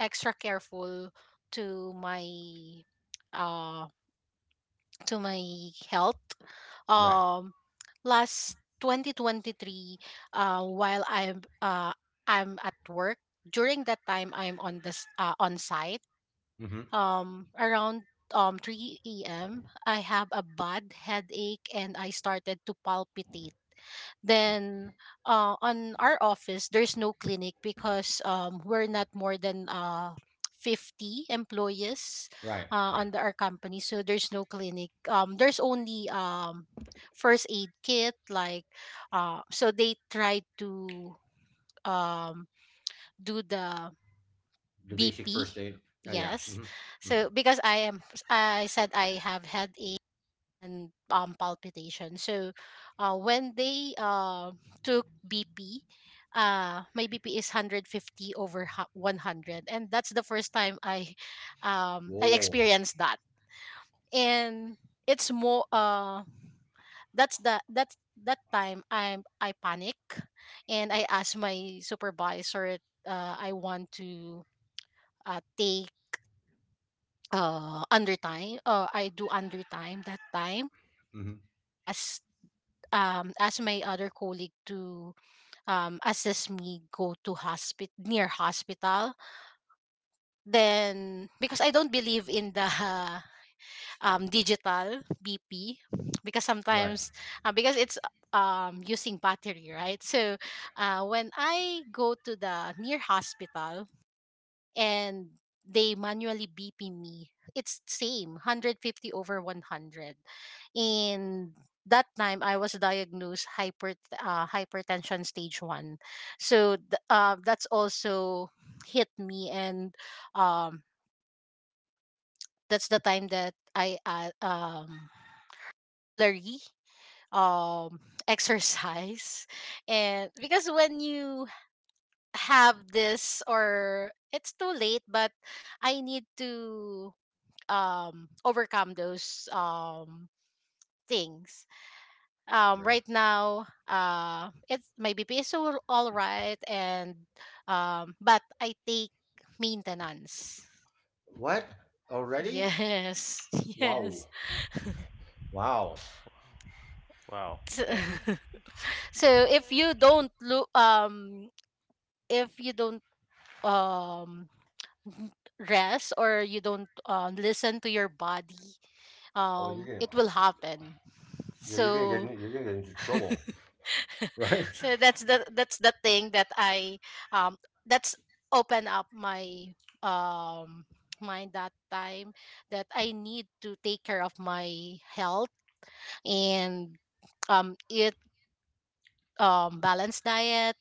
Speaker 3: extra careful to my Uh to my health.
Speaker 2: right.
Speaker 3: um Last twenty twenty-three, uh while i'm uh I'm at work during that time, I'm on this uh, on site.
Speaker 2: Mm-hmm.
Speaker 3: Um around um three a m. I have a bad headache and I started to palpitate. Then, uh, on our office, there's no clinic because, um, we're not more than, uh, fifty employees
Speaker 2: Right,
Speaker 3: uh,
Speaker 2: right.
Speaker 3: under our company. So there's no clinic. Um, there's only, um, first aid kit. Like, uh, so they try to um, do the
Speaker 2: The basic
Speaker 3: B P.
Speaker 2: first aid. Yeah, yeah.
Speaker 3: Yes.
Speaker 2: Mm-hmm. Mm-hmm.
Speaker 3: So because I am I said I have headache and um palpitation. So uh when they uh took B P, uh my B P is one hundred fifty over one hundred, and that's the first time I um I
Speaker 2: Whoa.
Speaker 3: experienced that. And it's more, uh that's the that's that time I'm I panic and I asked my supervisor, uh I want to, uh, take, uh under time uh I do under time that time,
Speaker 2: Mm-hmm.
Speaker 3: as um as my other colleague to um assist me, go to hospital, near hospital. Then because I don't believe in the um digital B P, because
Speaker 2: Right,
Speaker 3: sometimes uh, because it's um using battery, right? So uh when I go to the near hospital and they manually B P me, it's same, one hundred fifty over one hundred. And that time I was diagnosed hyper uh, hypertension stage one. So th- uh, that's also hit me, and um that's the time that I uh, um regularly um exercise. And because when you have this, or it's too late, but I need to um overcome those um things. Um
Speaker 2: right.
Speaker 3: right now, uh it's my BP is all, all right. And um but I take maintenance.
Speaker 2: What already?
Speaker 3: Yes.
Speaker 2: Wow,
Speaker 3: Yes.
Speaker 2: wow.
Speaker 1: Wow.
Speaker 3: So
Speaker 1: Yeah.
Speaker 3: so if you don't look, um if you don't um n- rest, or you don't, uh, listen to your body,
Speaker 2: Oh, you're
Speaker 3: um
Speaker 2: gonna,
Speaker 3: it will happen.
Speaker 2: yeah, you're gonna get,
Speaker 3: So
Speaker 2: in- you're gonna get into trouble. Right,
Speaker 3: so that's the that's the thing that I um that's open up my um mind that time, that I need to take care of my health, and um eat um balanced diet,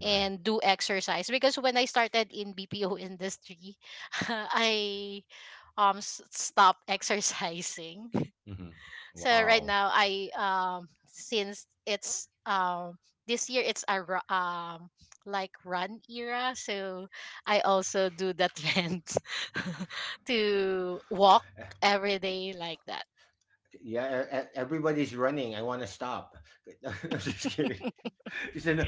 Speaker 2: right.
Speaker 3: and do exercise. Because when I started in BPO industry, I um s- stopped exercising.
Speaker 2: Mm-hmm.
Speaker 3: So right
Speaker 2: Wow.
Speaker 3: now, I um since it's um this year, it's a ru- um like run era, so I also do the trend to walk
Speaker 2: Eh,
Speaker 3: every day like that.
Speaker 2: yeah, e- e- everybody's running. I want to stop. I'm just kidding. It's an,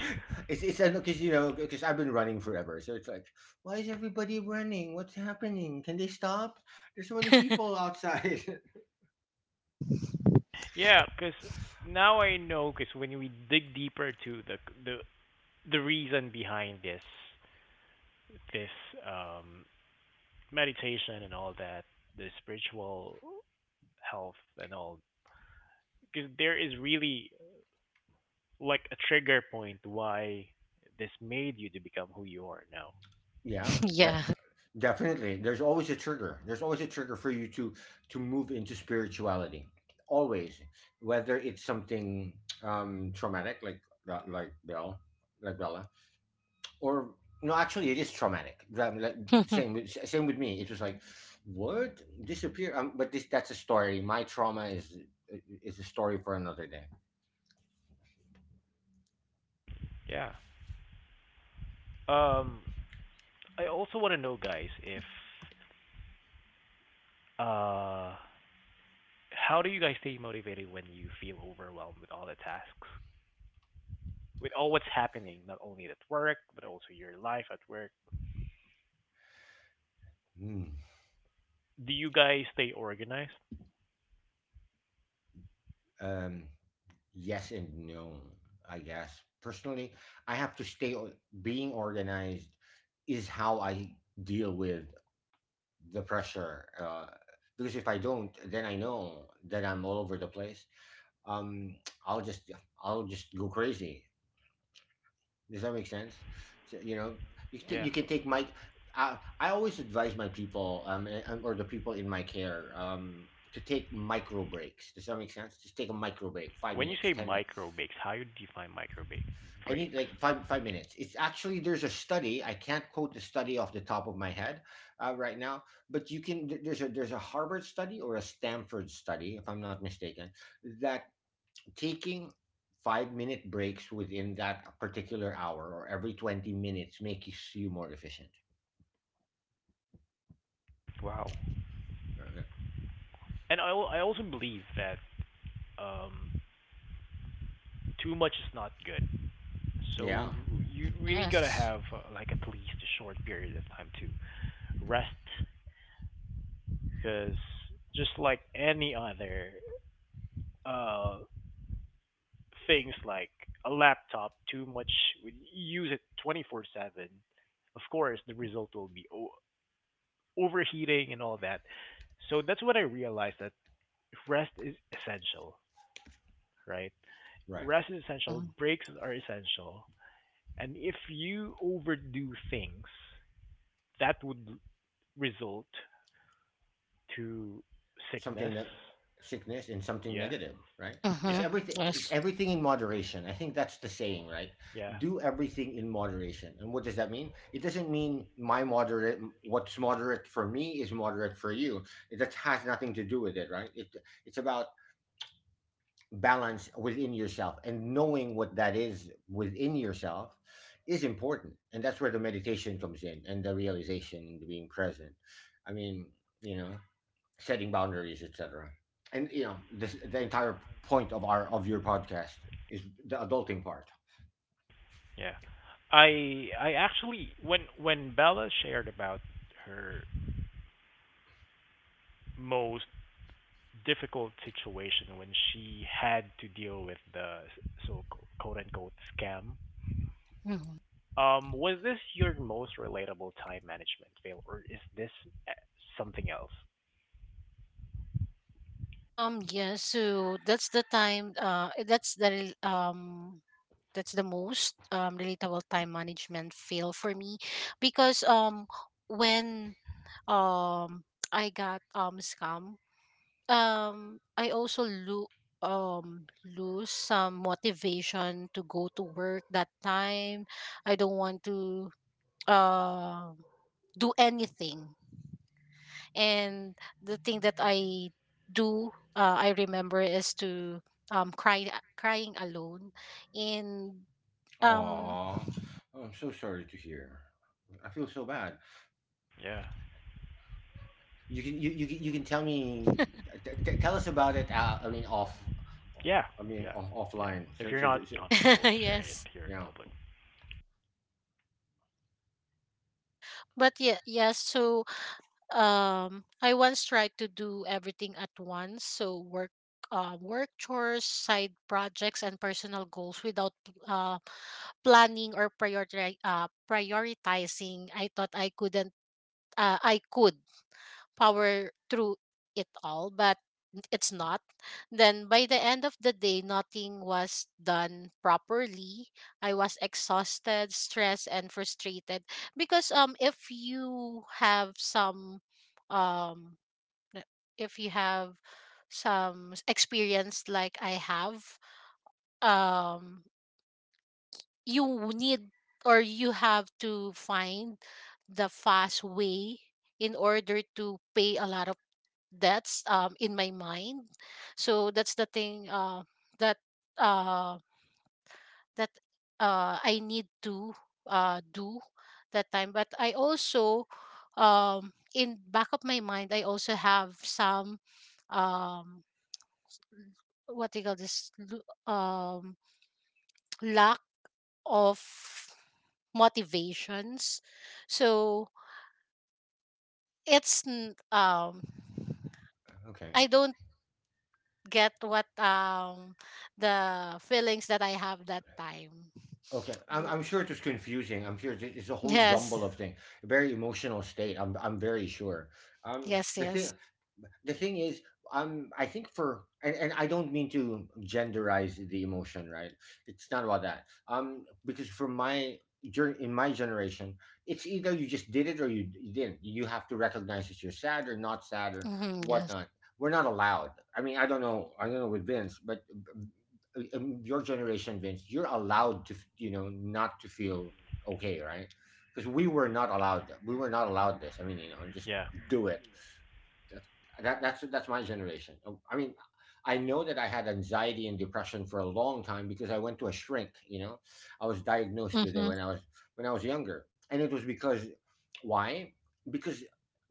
Speaker 2: it's it's because you know because I've been running forever, so it's like, why is everybody running? What's happening? Can they stop? There's so many people outside.
Speaker 1: Yeah, cause now I know, cause when we dig deeper to the the the reason behind this this um meditation and all that, the spiritual health and all, cause there is really like a trigger point why this made you to become who you are now.
Speaker 2: Yeah, that
Speaker 3: Yeah.
Speaker 2: definitely. There's always a trigger. There's always a trigger for you to to move into spirituality. Always, whether it's something um traumatic like like Bell, like Bella, or no, actually it is traumatic, Ra- like same with same with me, it was like what disappear um, but this that's a story, my trauma is is a story for another day.
Speaker 1: Yeah. Um I also want to know, guys, if uh how do you guys stay motivated when you feel overwhelmed with all the tasks, with all what's happening, not only at work, but also your life at work?
Speaker 2: Hmm.
Speaker 1: Do you guys stay organized?
Speaker 2: um yes and no. I guess personally I have to stay o- being organized is how I deal with the pressure. Uh because if I don't then I know that I'm all over the place. Um I'll just I'll just go crazy. Does that make sense? So, you know, you can,
Speaker 1: Yeah.
Speaker 2: you can take my. I, I always advise my people, um, and- and- or the people in my care, um, to take micro breaks. Does that make sense? Just take a micro break, five
Speaker 1: When you
Speaker 2: minutes,
Speaker 1: say
Speaker 2: ten minutes.
Speaker 1: micro breaks, how you define micro break
Speaker 2: I need
Speaker 1: breaks?
Speaker 2: like five five minutes. It's actually there's a study. I can't quote the study off the top of my head, uh, right now, but you can. there- There's a there's a Harvard study or a Stanford study, if I'm not mistaken, that taking five minute breaks within that particular hour or every twenty minutes makes you more efficient.
Speaker 1: Wow.
Speaker 2: Okay.
Speaker 1: And I, I also believe that um, too much is not good. So
Speaker 2: Yeah.
Speaker 1: you really gotta
Speaker 3: Yes.
Speaker 1: have uh, like at least a short period of time to rest, because just like any other uh, things, like a laptop, too much when you use it twenty-four seven, of course the result will be o- overheating and all that. So that's what I realized, that rest is essential, right?
Speaker 2: Right.
Speaker 1: Rest is
Speaker 3: Mm-hmm.
Speaker 1: essential. Breaks are essential. And if you overdo things, that would result to sickness.
Speaker 2: Something that sickness and something
Speaker 1: Yeah.
Speaker 2: negative, right?
Speaker 3: Mm-hmm.
Speaker 2: Because
Speaker 1: Yeah.
Speaker 2: everything
Speaker 3: Yes.
Speaker 2: everything in moderation, I think that's the saying, right?
Speaker 1: Yeah.
Speaker 2: Do everything in moderation, and what does that mean? It doesn't mean my moderate. What's moderate for me is moderate for you, that has nothing to do with it, right? It it's about balance within yourself, and knowing what that is within yourself is important. And that's where the meditation comes in, and the realization, and the being present. I mean, you know, setting boundaries, etc. And you know, this, the entire point of our of your podcast is the adulting part.
Speaker 1: Yeah. I I actually, when when Bella shared about her most difficult situation, when she had to deal with the, so, quote unquote, scam.
Speaker 3: Mhm.
Speaker 1: Um, was this your most relatable time management fail, or is this uh, something else?
Speaker 3: Um yeah, so that's the time, uh that's the um that's the most um, relatable time management fail for me. Because um when um I got um scam, um I also lo- um lose some motivation to go to work that time. I don't want to, uh, do anything. And the thing that I do, uh, I remember, is to um cry, crying alone, and um
Speaker 2: Aww. Oh, I'm so sorry to hear. I feel so bad.
Speaker 1: Yeah.
Speaker 2: You can you you can, you can tell me t- t- tell us about it, uh, I mean off
Speaker 1: Yeah.
Speaker 2: I mean
Speaker 1: Yeah.
Speaker 2: off,
Speaker 1: Yeah.
Speaker 2: offline,
Speaker 1: If
Speaker 2: so,
Speaker 1: you're
Speaker 2: so,
Speaker 1: not
Speaker 2: so
Speaker 1: comfortable sharing it
Speaker 3: yes.
Speaker 1: here in
Speaker 2: yeah.
Speaker 1: public.
Speaker 3: But yeah, yes. So um, I once tried to do everything at once. So work, uh, work chores, side projects, and personal goals without uh, planning or priori- uh, prioritizing. I thought I couldn't. Uh, I could power through it all, but it's not, then by the end of the day, nothing was done properly. I was exhausted, stressed, and frustrated. Because um, if you have some um, n- if you have some s- experience like I have, um, you need, or you have to find the fast way in order to pay a lot of. That's um in my mind. So that's the thing, uh, that uh that uh I need to, uh do that time. But I also, um in back of my mind, I also have some, um what do you call this, lu- um lack of motivations. So it's n- um
Speaker 2: Okay.
Speaker 3: I don't get what, um the feelings that I have that time.
Speaker 2: Okay. I'm,
Speaker 3: B-
Speaker 2: I'm sure it was confusing. I'm sure it's, it's a whole
Speaker 3: Yes,
Speaker 2: jumble of things. Very emotional state. I'm I'm very sure. Um
Speaker 3: yes,
Speaker 2: the thing
Speaker 3: yes,
Speaker 2: the thing is um I think for and, and I don't mean to genderize the emotion, right? It's not about that. Um, because for my dur- in my generation, it's either you just did it or you, you didn't. You have to recognize that you're sad or not sad or
Speaker 3: hmm, yes,
Speaker 2: whatnot. We're not allowed. I mean, I don't know. I don't know with Vince, but uh, um, your generation, Vince, you're allowed to, f- you know, not to feel okay, right? Because we were not allowed that. We were not allowed this. I mean, you know, just
Speaker 1: Yeah,
Speaker 2: do it. That's that, that's that's my generation. Um, I mean, I know that I had anxiety and depression for a long time because I went to a shrink. You know, I was diagnosed with it
Speaker 3: hmm,
Speaker 2: when I was when I was younger, and it was because why? Because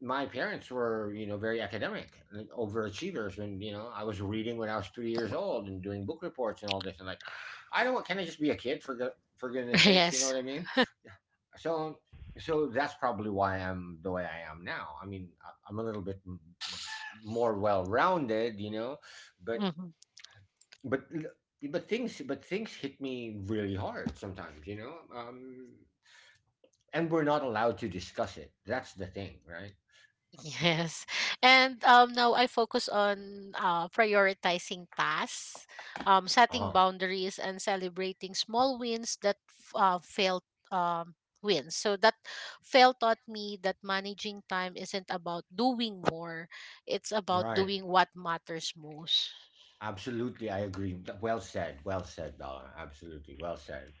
Speaker 2: my parents were you know very academic and overachievers, and you know I was reading when I was three years old and doing book reports and all this, and like I don't, can I just be a kid for go- for goodness sakes, you know
Speaker 3: yes,
Speaker 2: what I mean? So so that's probably why I'm the way I am now. I mean I- I'm a little bit more well-rounded, you know, but
Speaker 3: hmm.
Speaker 2: but but things but things hit me really hard sometimes, you know, um, and we're not allowed to discuss it, that's the thing, right?
Speaker 3: Yes. And um now I focus on uh prioritizing tasks, um setting
Speaker 2: Uh-huh.
Speaker 3: boundaries and celebrating small wins that f- uh, felt um wins. So that fail taught me that managing time isn't about doing more, it's about
Speaker 2: Right,
Speaker 3: doing what matters most.
Speaker 2: absolutely, I agree. Th- well said, well said, Bella, absolutely well said.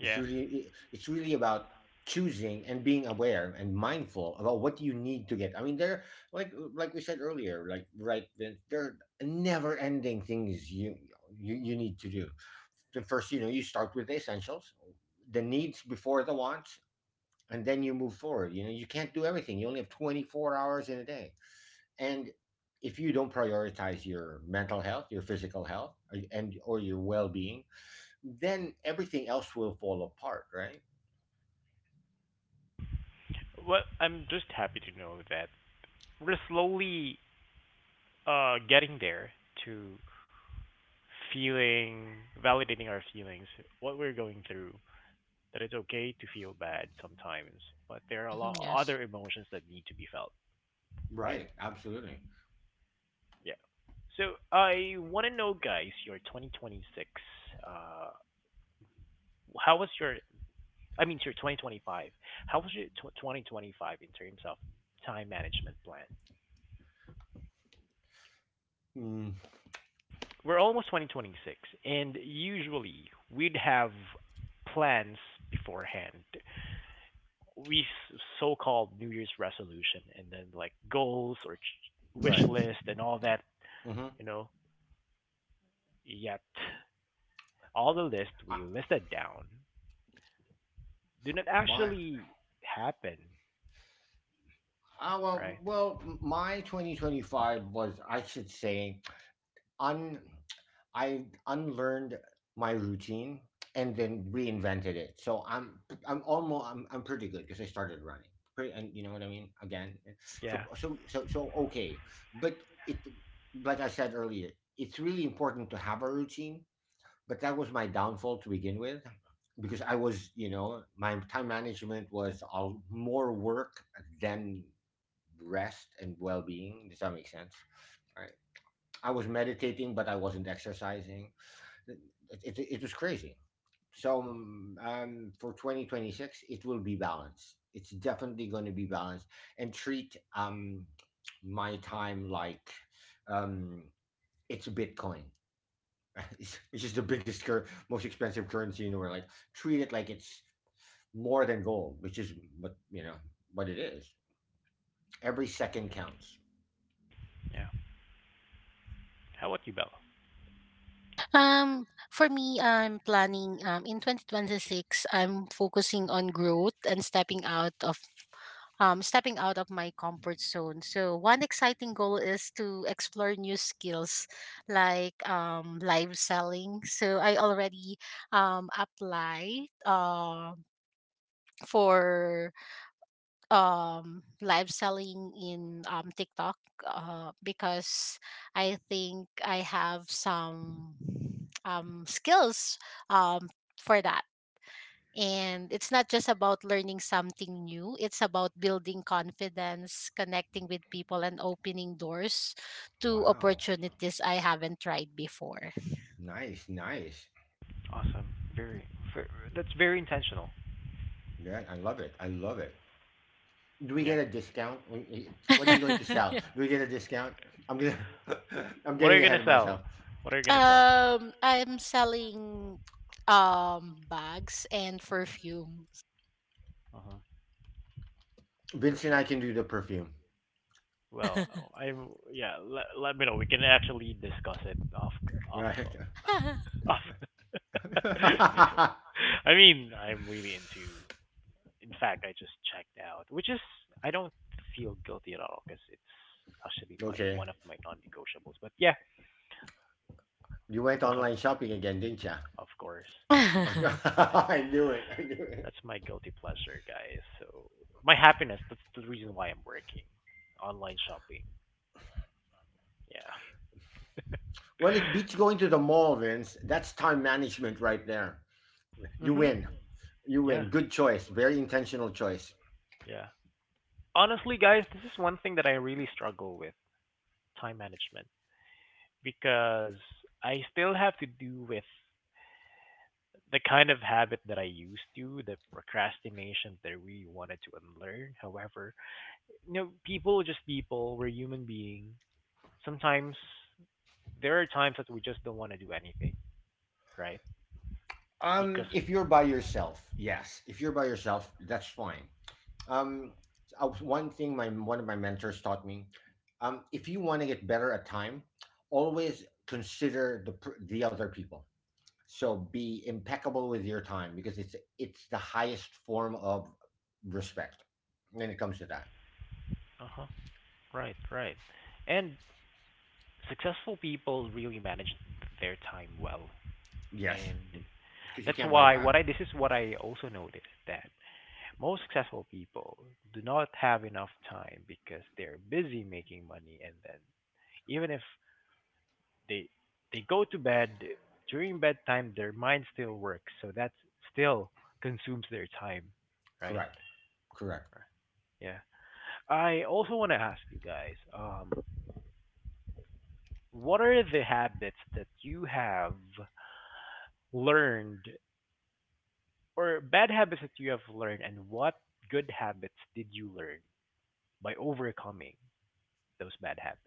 Speaker 2: It's really it- it's really about choosing and being aware and mindful about what you need to get. I mean there like like we said earlier, like right Vince, there are never ending things you you you need to do the first, you know, you start with the essentials, the needs before the wants, and then you move forward, you know, you can't do everything, you only have twenty-four hours in a day. And if you don't prioritize your mental health, your physical health, uh, and or your well-being, then everything else will fall apart, right?
Speaker 1: Well, I'm just happy to know that we're slowly uh getting there to feeling, validating our feelings, what we're going through, that it's okay to feel bad sometimes, but there are a
Speaker 3: Mhm,
Speaker 1: lot of
Speaker 3: yes.
Speaker 1: other emotions that need to be felt, right?
Speaker 2: Right, absolutely.
Speaker 1: Yeah. So I want to know, guys, your twenty twenty-six. Uh, how was your? I mean, your twenty twenty-five. How was your tw twenty twenty-five in terms of time management plan?
Speaker 2: Mm,
Speaker 1: We're almost twenty twenty-six, and usually we'd have plans beforehand. We s- so-called New Year's resolution, and then like goals or ch- wish
Speaker 2: right,
Speaker 1: list and all that,
Speaker 2: hmm.
Speaker 1: you know, yet all the list
Speaker 2: I,
Speaker 1: we listed down do not
Speaker 2: my
Speaker 1: actually happen,
Speaker 2: ah, well
Speaker 1: right?
Speaker 2: well my twenty twenty-five was I should say un I unlearned my routine and then reinvented it. So I'm I'm almost I'm, I'm pretty good because I started running. Pretty, and you know what I mean? Again, eh, so
Speaker 1: Yeah,
Speaker 2: so so so okay, but it like I said earlier, it's really important to have a routine. But that was my downfall to begin with, because I was you know my time management was all more work than rest and well being. Does that make sense? Right. I was meditating, but I wasn't exercising. It, it, it was crazy. So um, for twenty twenty-six, it will be balanced. It's definitely going to be balanced and treat um, my time like um, it's Bitcoin, which is the biggest, cur- most expensive currency in the world. Like treat it like it's more than gold, which is what you know what it is. Every second counts.
Speaker 1: yeah. How about you, Bella?
Speaker 3: Um, for me, I'm planning um in twenty twenty-six. I'm focusing on growth and stepping out of um stepping out of my comfort zone. So one exciting goal is to explore new skills like um live selling. So I already um applied, uh, for um live selling in um TikTok, uh because I think I have some um skills um for that. And it's not just about learning something new, it's about building confidence, connecting with people, and opening doors to
Speaker 2: Wow,
Speaker 3: opportunities I haven't tried before.
Speaker 2: nice, nice.
Speaker 1: Awesome. Very, ver That's very intentional.
Speaker 2: Yeah, I love it. I love it. Do we
Speaker 1: Yeah.
Speaker 2: get a discount? When- eh, what are you going to sell? Do we get a discount? I'm gonna. I'm
Speaker 1: What are
Speaker 2: getting
Speaker 1: you
Speaker 2: ahead
Speaker 1: gonna
Speaker 2: of
Speaker 1: sell?
Speaker 2: myself.
Speaker 1: What are you gonna sell?
Speaker 3: um I'm selling um bags and perfumes.
Speaker 1: Uh-huh.
Speaker 2: Vincent, I
Speaker 1: Perfume.
Speaker 2: can do the perfume.
Speaker 1: Well, I am, yeah. Let, let me know. We can actually discuss it off off
Speaker 2: Right.
Speaker 1: off. I mean, I'm really into, in fact, I just checked out, which is, I don't feel guilty at all because it's actually my
Speaker 2: Okay.
Speaker 1: one of my non-negotiables. But yeah,
Speaker 2: You
Speaker 1: we'll
Speaker 2: went
Speaker 1: talk
Speaker 2: online
Speaker 1: about.
Speaker 2: shopping again,
Speaker 1: Oh,
Speaker 2: didn't ya?
Speaker 1: yeah. Of course, that's
Speaker 2: Of
Speaker 1: that's my
Speaker 2: cour- I knew it. I knew it.
Speaker 1: that's my guilty pleasure, guys. So my happiness. That's the reason why I'm working. Online shopping. Yeah.
Speaker 2: Well, it beats going to the mall, Vince. That's time management right there. You
Speaker 1: Mhm.
Speaker 2: win. You
Speaker 1: Yeah.
Speaker 2: win. Good choice. Very intentional choice.
Speaker 1: Yeah. Honestly, guys, this is one thing that I really struggle with: time management, because I still have to do with the kind of habit that I used to, the procrastination that I really wanted to unlearn. However, you know, people are just people. We're human beings. Sometimes there are times that we just don't want to do anything, right? Because,
Speaker 2: Um, if you're by yourself, yes. If you're by yourself, that's fine. Um, I was- one thing my one of my mentors taught me: um, if you want to get better at time, always consider the pr- the other people. So be impeccable with your time because it's it's the highest form of respect when it comes to that.
Speaker 1: uh huh, right, right. And successful people really manage their time well,
Speaker 2: Yes,
Speaker 1: and
Speaker 2: because you
Speaker 1: that's
Speaker 2: can't buy it
Speaker 1: why, what
Speaker 2: back.
Speaker 1: I, this is what I also noticed, that most successful people do not have enough time because they're busy making money, and then even if they they go to bed, during bedtime their mind still works, so that still consumes their time, right?
Speaker 2: Correct. Correct.
Speaker 1: Yeah. I also want to ask you guys, um what are the habits that you have learned or bad habits that you have learned, and what good habits did you learn by overcoming those bad habits,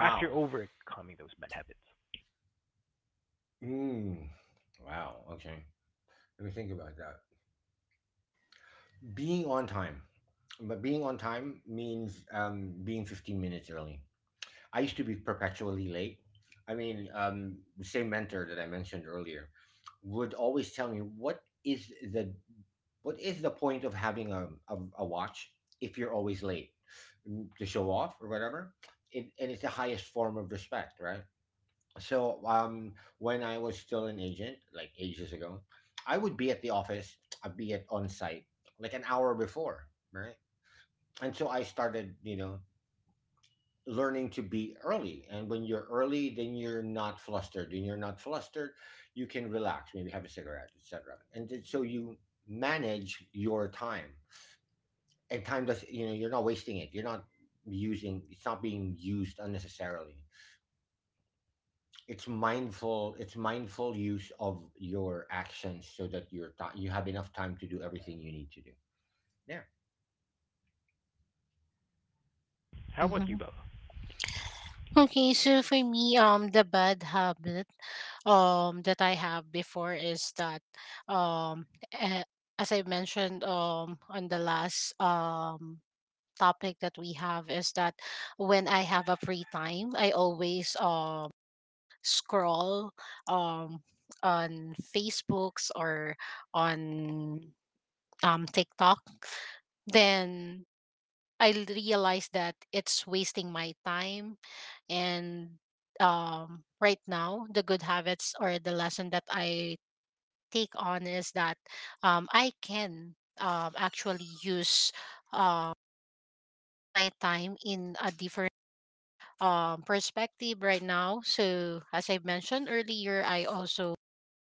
Speaker 1: after overcoming those bad habits?
Speaker 2: Mm. Wow. Okay. Let me think about that. Being on time, but being on time means um, being fifteen minutes early. I used to be perpetually late. I mean, um, the same mentor that I mentioned earlier would always tell me what is the what is the point of having a, a, a watch if you're always late. Mm, to show off or whatever it, and it's the highest form of respect, right? So um when I was still an agent like ages ago I would be at the office, I'd be at on site like an hour before, right? And so I started you know learning to be early. And when you're early, then you're not flustered. When you're not flustered, you can relax, maybe have a cigarette, et cetera. And then- so you manage your time. And time does you know, you're not wasting it. You're not using it's not being used unnecessarily. It's mindful, it's mindful use of your actions so that your time you have enough time to do everything you need to do. Yeah.
Speaker 1: How about you,
Speaker 3: Mhm.
Speaker 1: Bella?
Speaker 3: Okay, so for me, um, the bad habit, um, that I have before is that, um, eh, as I mentioned, um, on the last, um, topic that we have, is that when I have a free time, I always, um, scroll, um, on Facebooks, or on, um, TikTok. Then I l- realize that it's wasting my time. And um, right now, the good habits or the lesson that I take on is that, um, I can, um, actually use, uh, my time in a different, um, perspective right now. So, as I mentioned earlier, I also,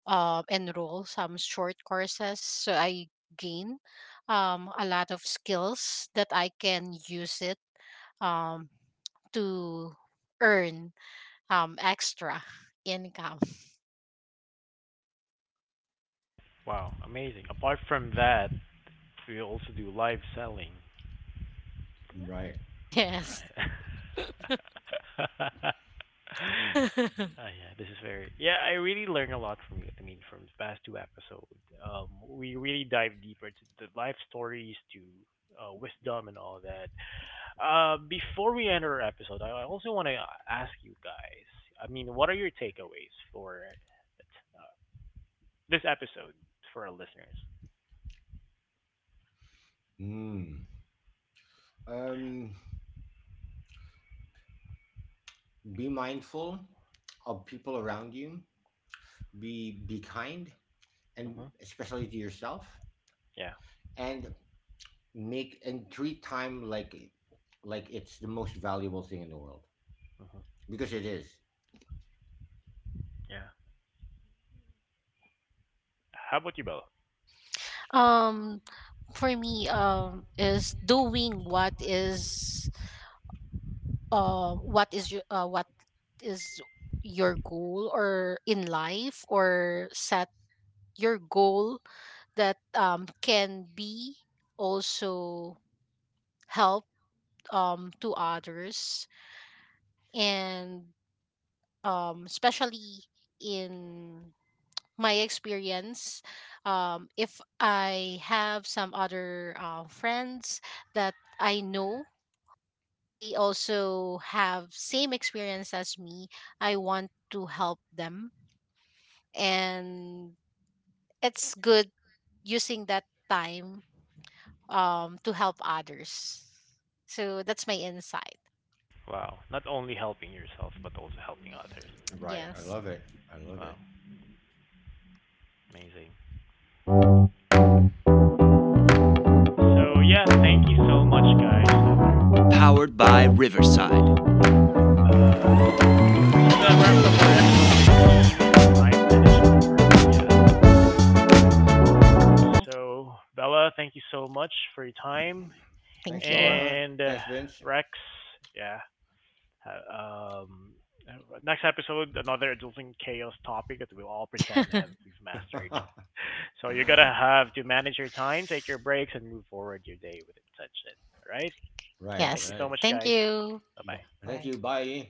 Speaker 3: um, enroll some short courses, so I gain, um, a lot of skills that I can use it, um, to earn, um, extra income.
Speaker 1: Wow, amazing. Apart from that, we also do live selling.
Speaker 2: Right.
Speaker 3: Yes.
Speaker 1: Right. Uh, yeah, this is very. Yeah, I really learned a lot from you. I mean, from the past two episodes, um, we really dive deeper to the life stories, to uh, wisdom, and all that. Uh, before we end our episode, I I also want to ask you guys. I mean, what are your takeaways for uh, this episode for our listeners?
Speaker 2: Hmm. Um, be mindful of people around you, be be kind, and
Speaker 1: Hmm.
Speaker 2: especially to yourself,
Speaker 1: Yeah,
Speaker 2: and make and treat time like like it's the most valuable thing in the world, because it is.
Speaker 1: yeah. How about you, Bella?
Speaker 3: um for me, um is doing what is, uh what is your uh, what is your goal, or in life, or set your goal, that um, can be also help, um, to others. And um, especially in my experience, um, if I have some other, uh, friends that I know they also have same experience as me, I want to help them. And it's good using that time, um, to help others. So that's my insight.
Speaker 1: Wow, not only helping yourself but also helping others.
Speaker 2: Right, I
Speaker 3: Yes.
Speaker 2: love it, I love
Speaker 1: Wow.
Speaker 2: it.
Speaker 1: Amazing. So yeah, thank you so much, guys. I learned. Uh, so that wraps up our episode
Speaker 2: Th-
Speaker 1: thirteen, time
Speaker 2: thank
Speaker 1: management for busy adults.
Speaker 3: Thank
Speaker 1: So Bella, thank you so much for your time,
Speaker 2: Thanks,
Speaker 3: you.
Speaker 2: Bella.
Speaker 1: and uh,
Speaker 2: Thanks, Vince.
Speaker 1: Rex, yeah. uh, Um, uh, Next episode, another adulting chaos topic that we'll all pretend
Speaker 3: Thank you.
Speaker 1: have we've mastered.
Speaker 2: Right,
Speaker 1: So you're gonna have to manage your time, take your breaks, and move forward your day with intention. All right.
Speaker 2: right.
Speaker 1: Thank you
Speaker 3: Yes.
Speaker 1: so much,
Speaker 3: Thank
Speaker 1: guys.
Speaker 3: you.
Speaker 2: B-
Speaker 1: Bye-bye.
Speaker 2: thank
Speaker 3: Bye.
Speaker 2: you, bye.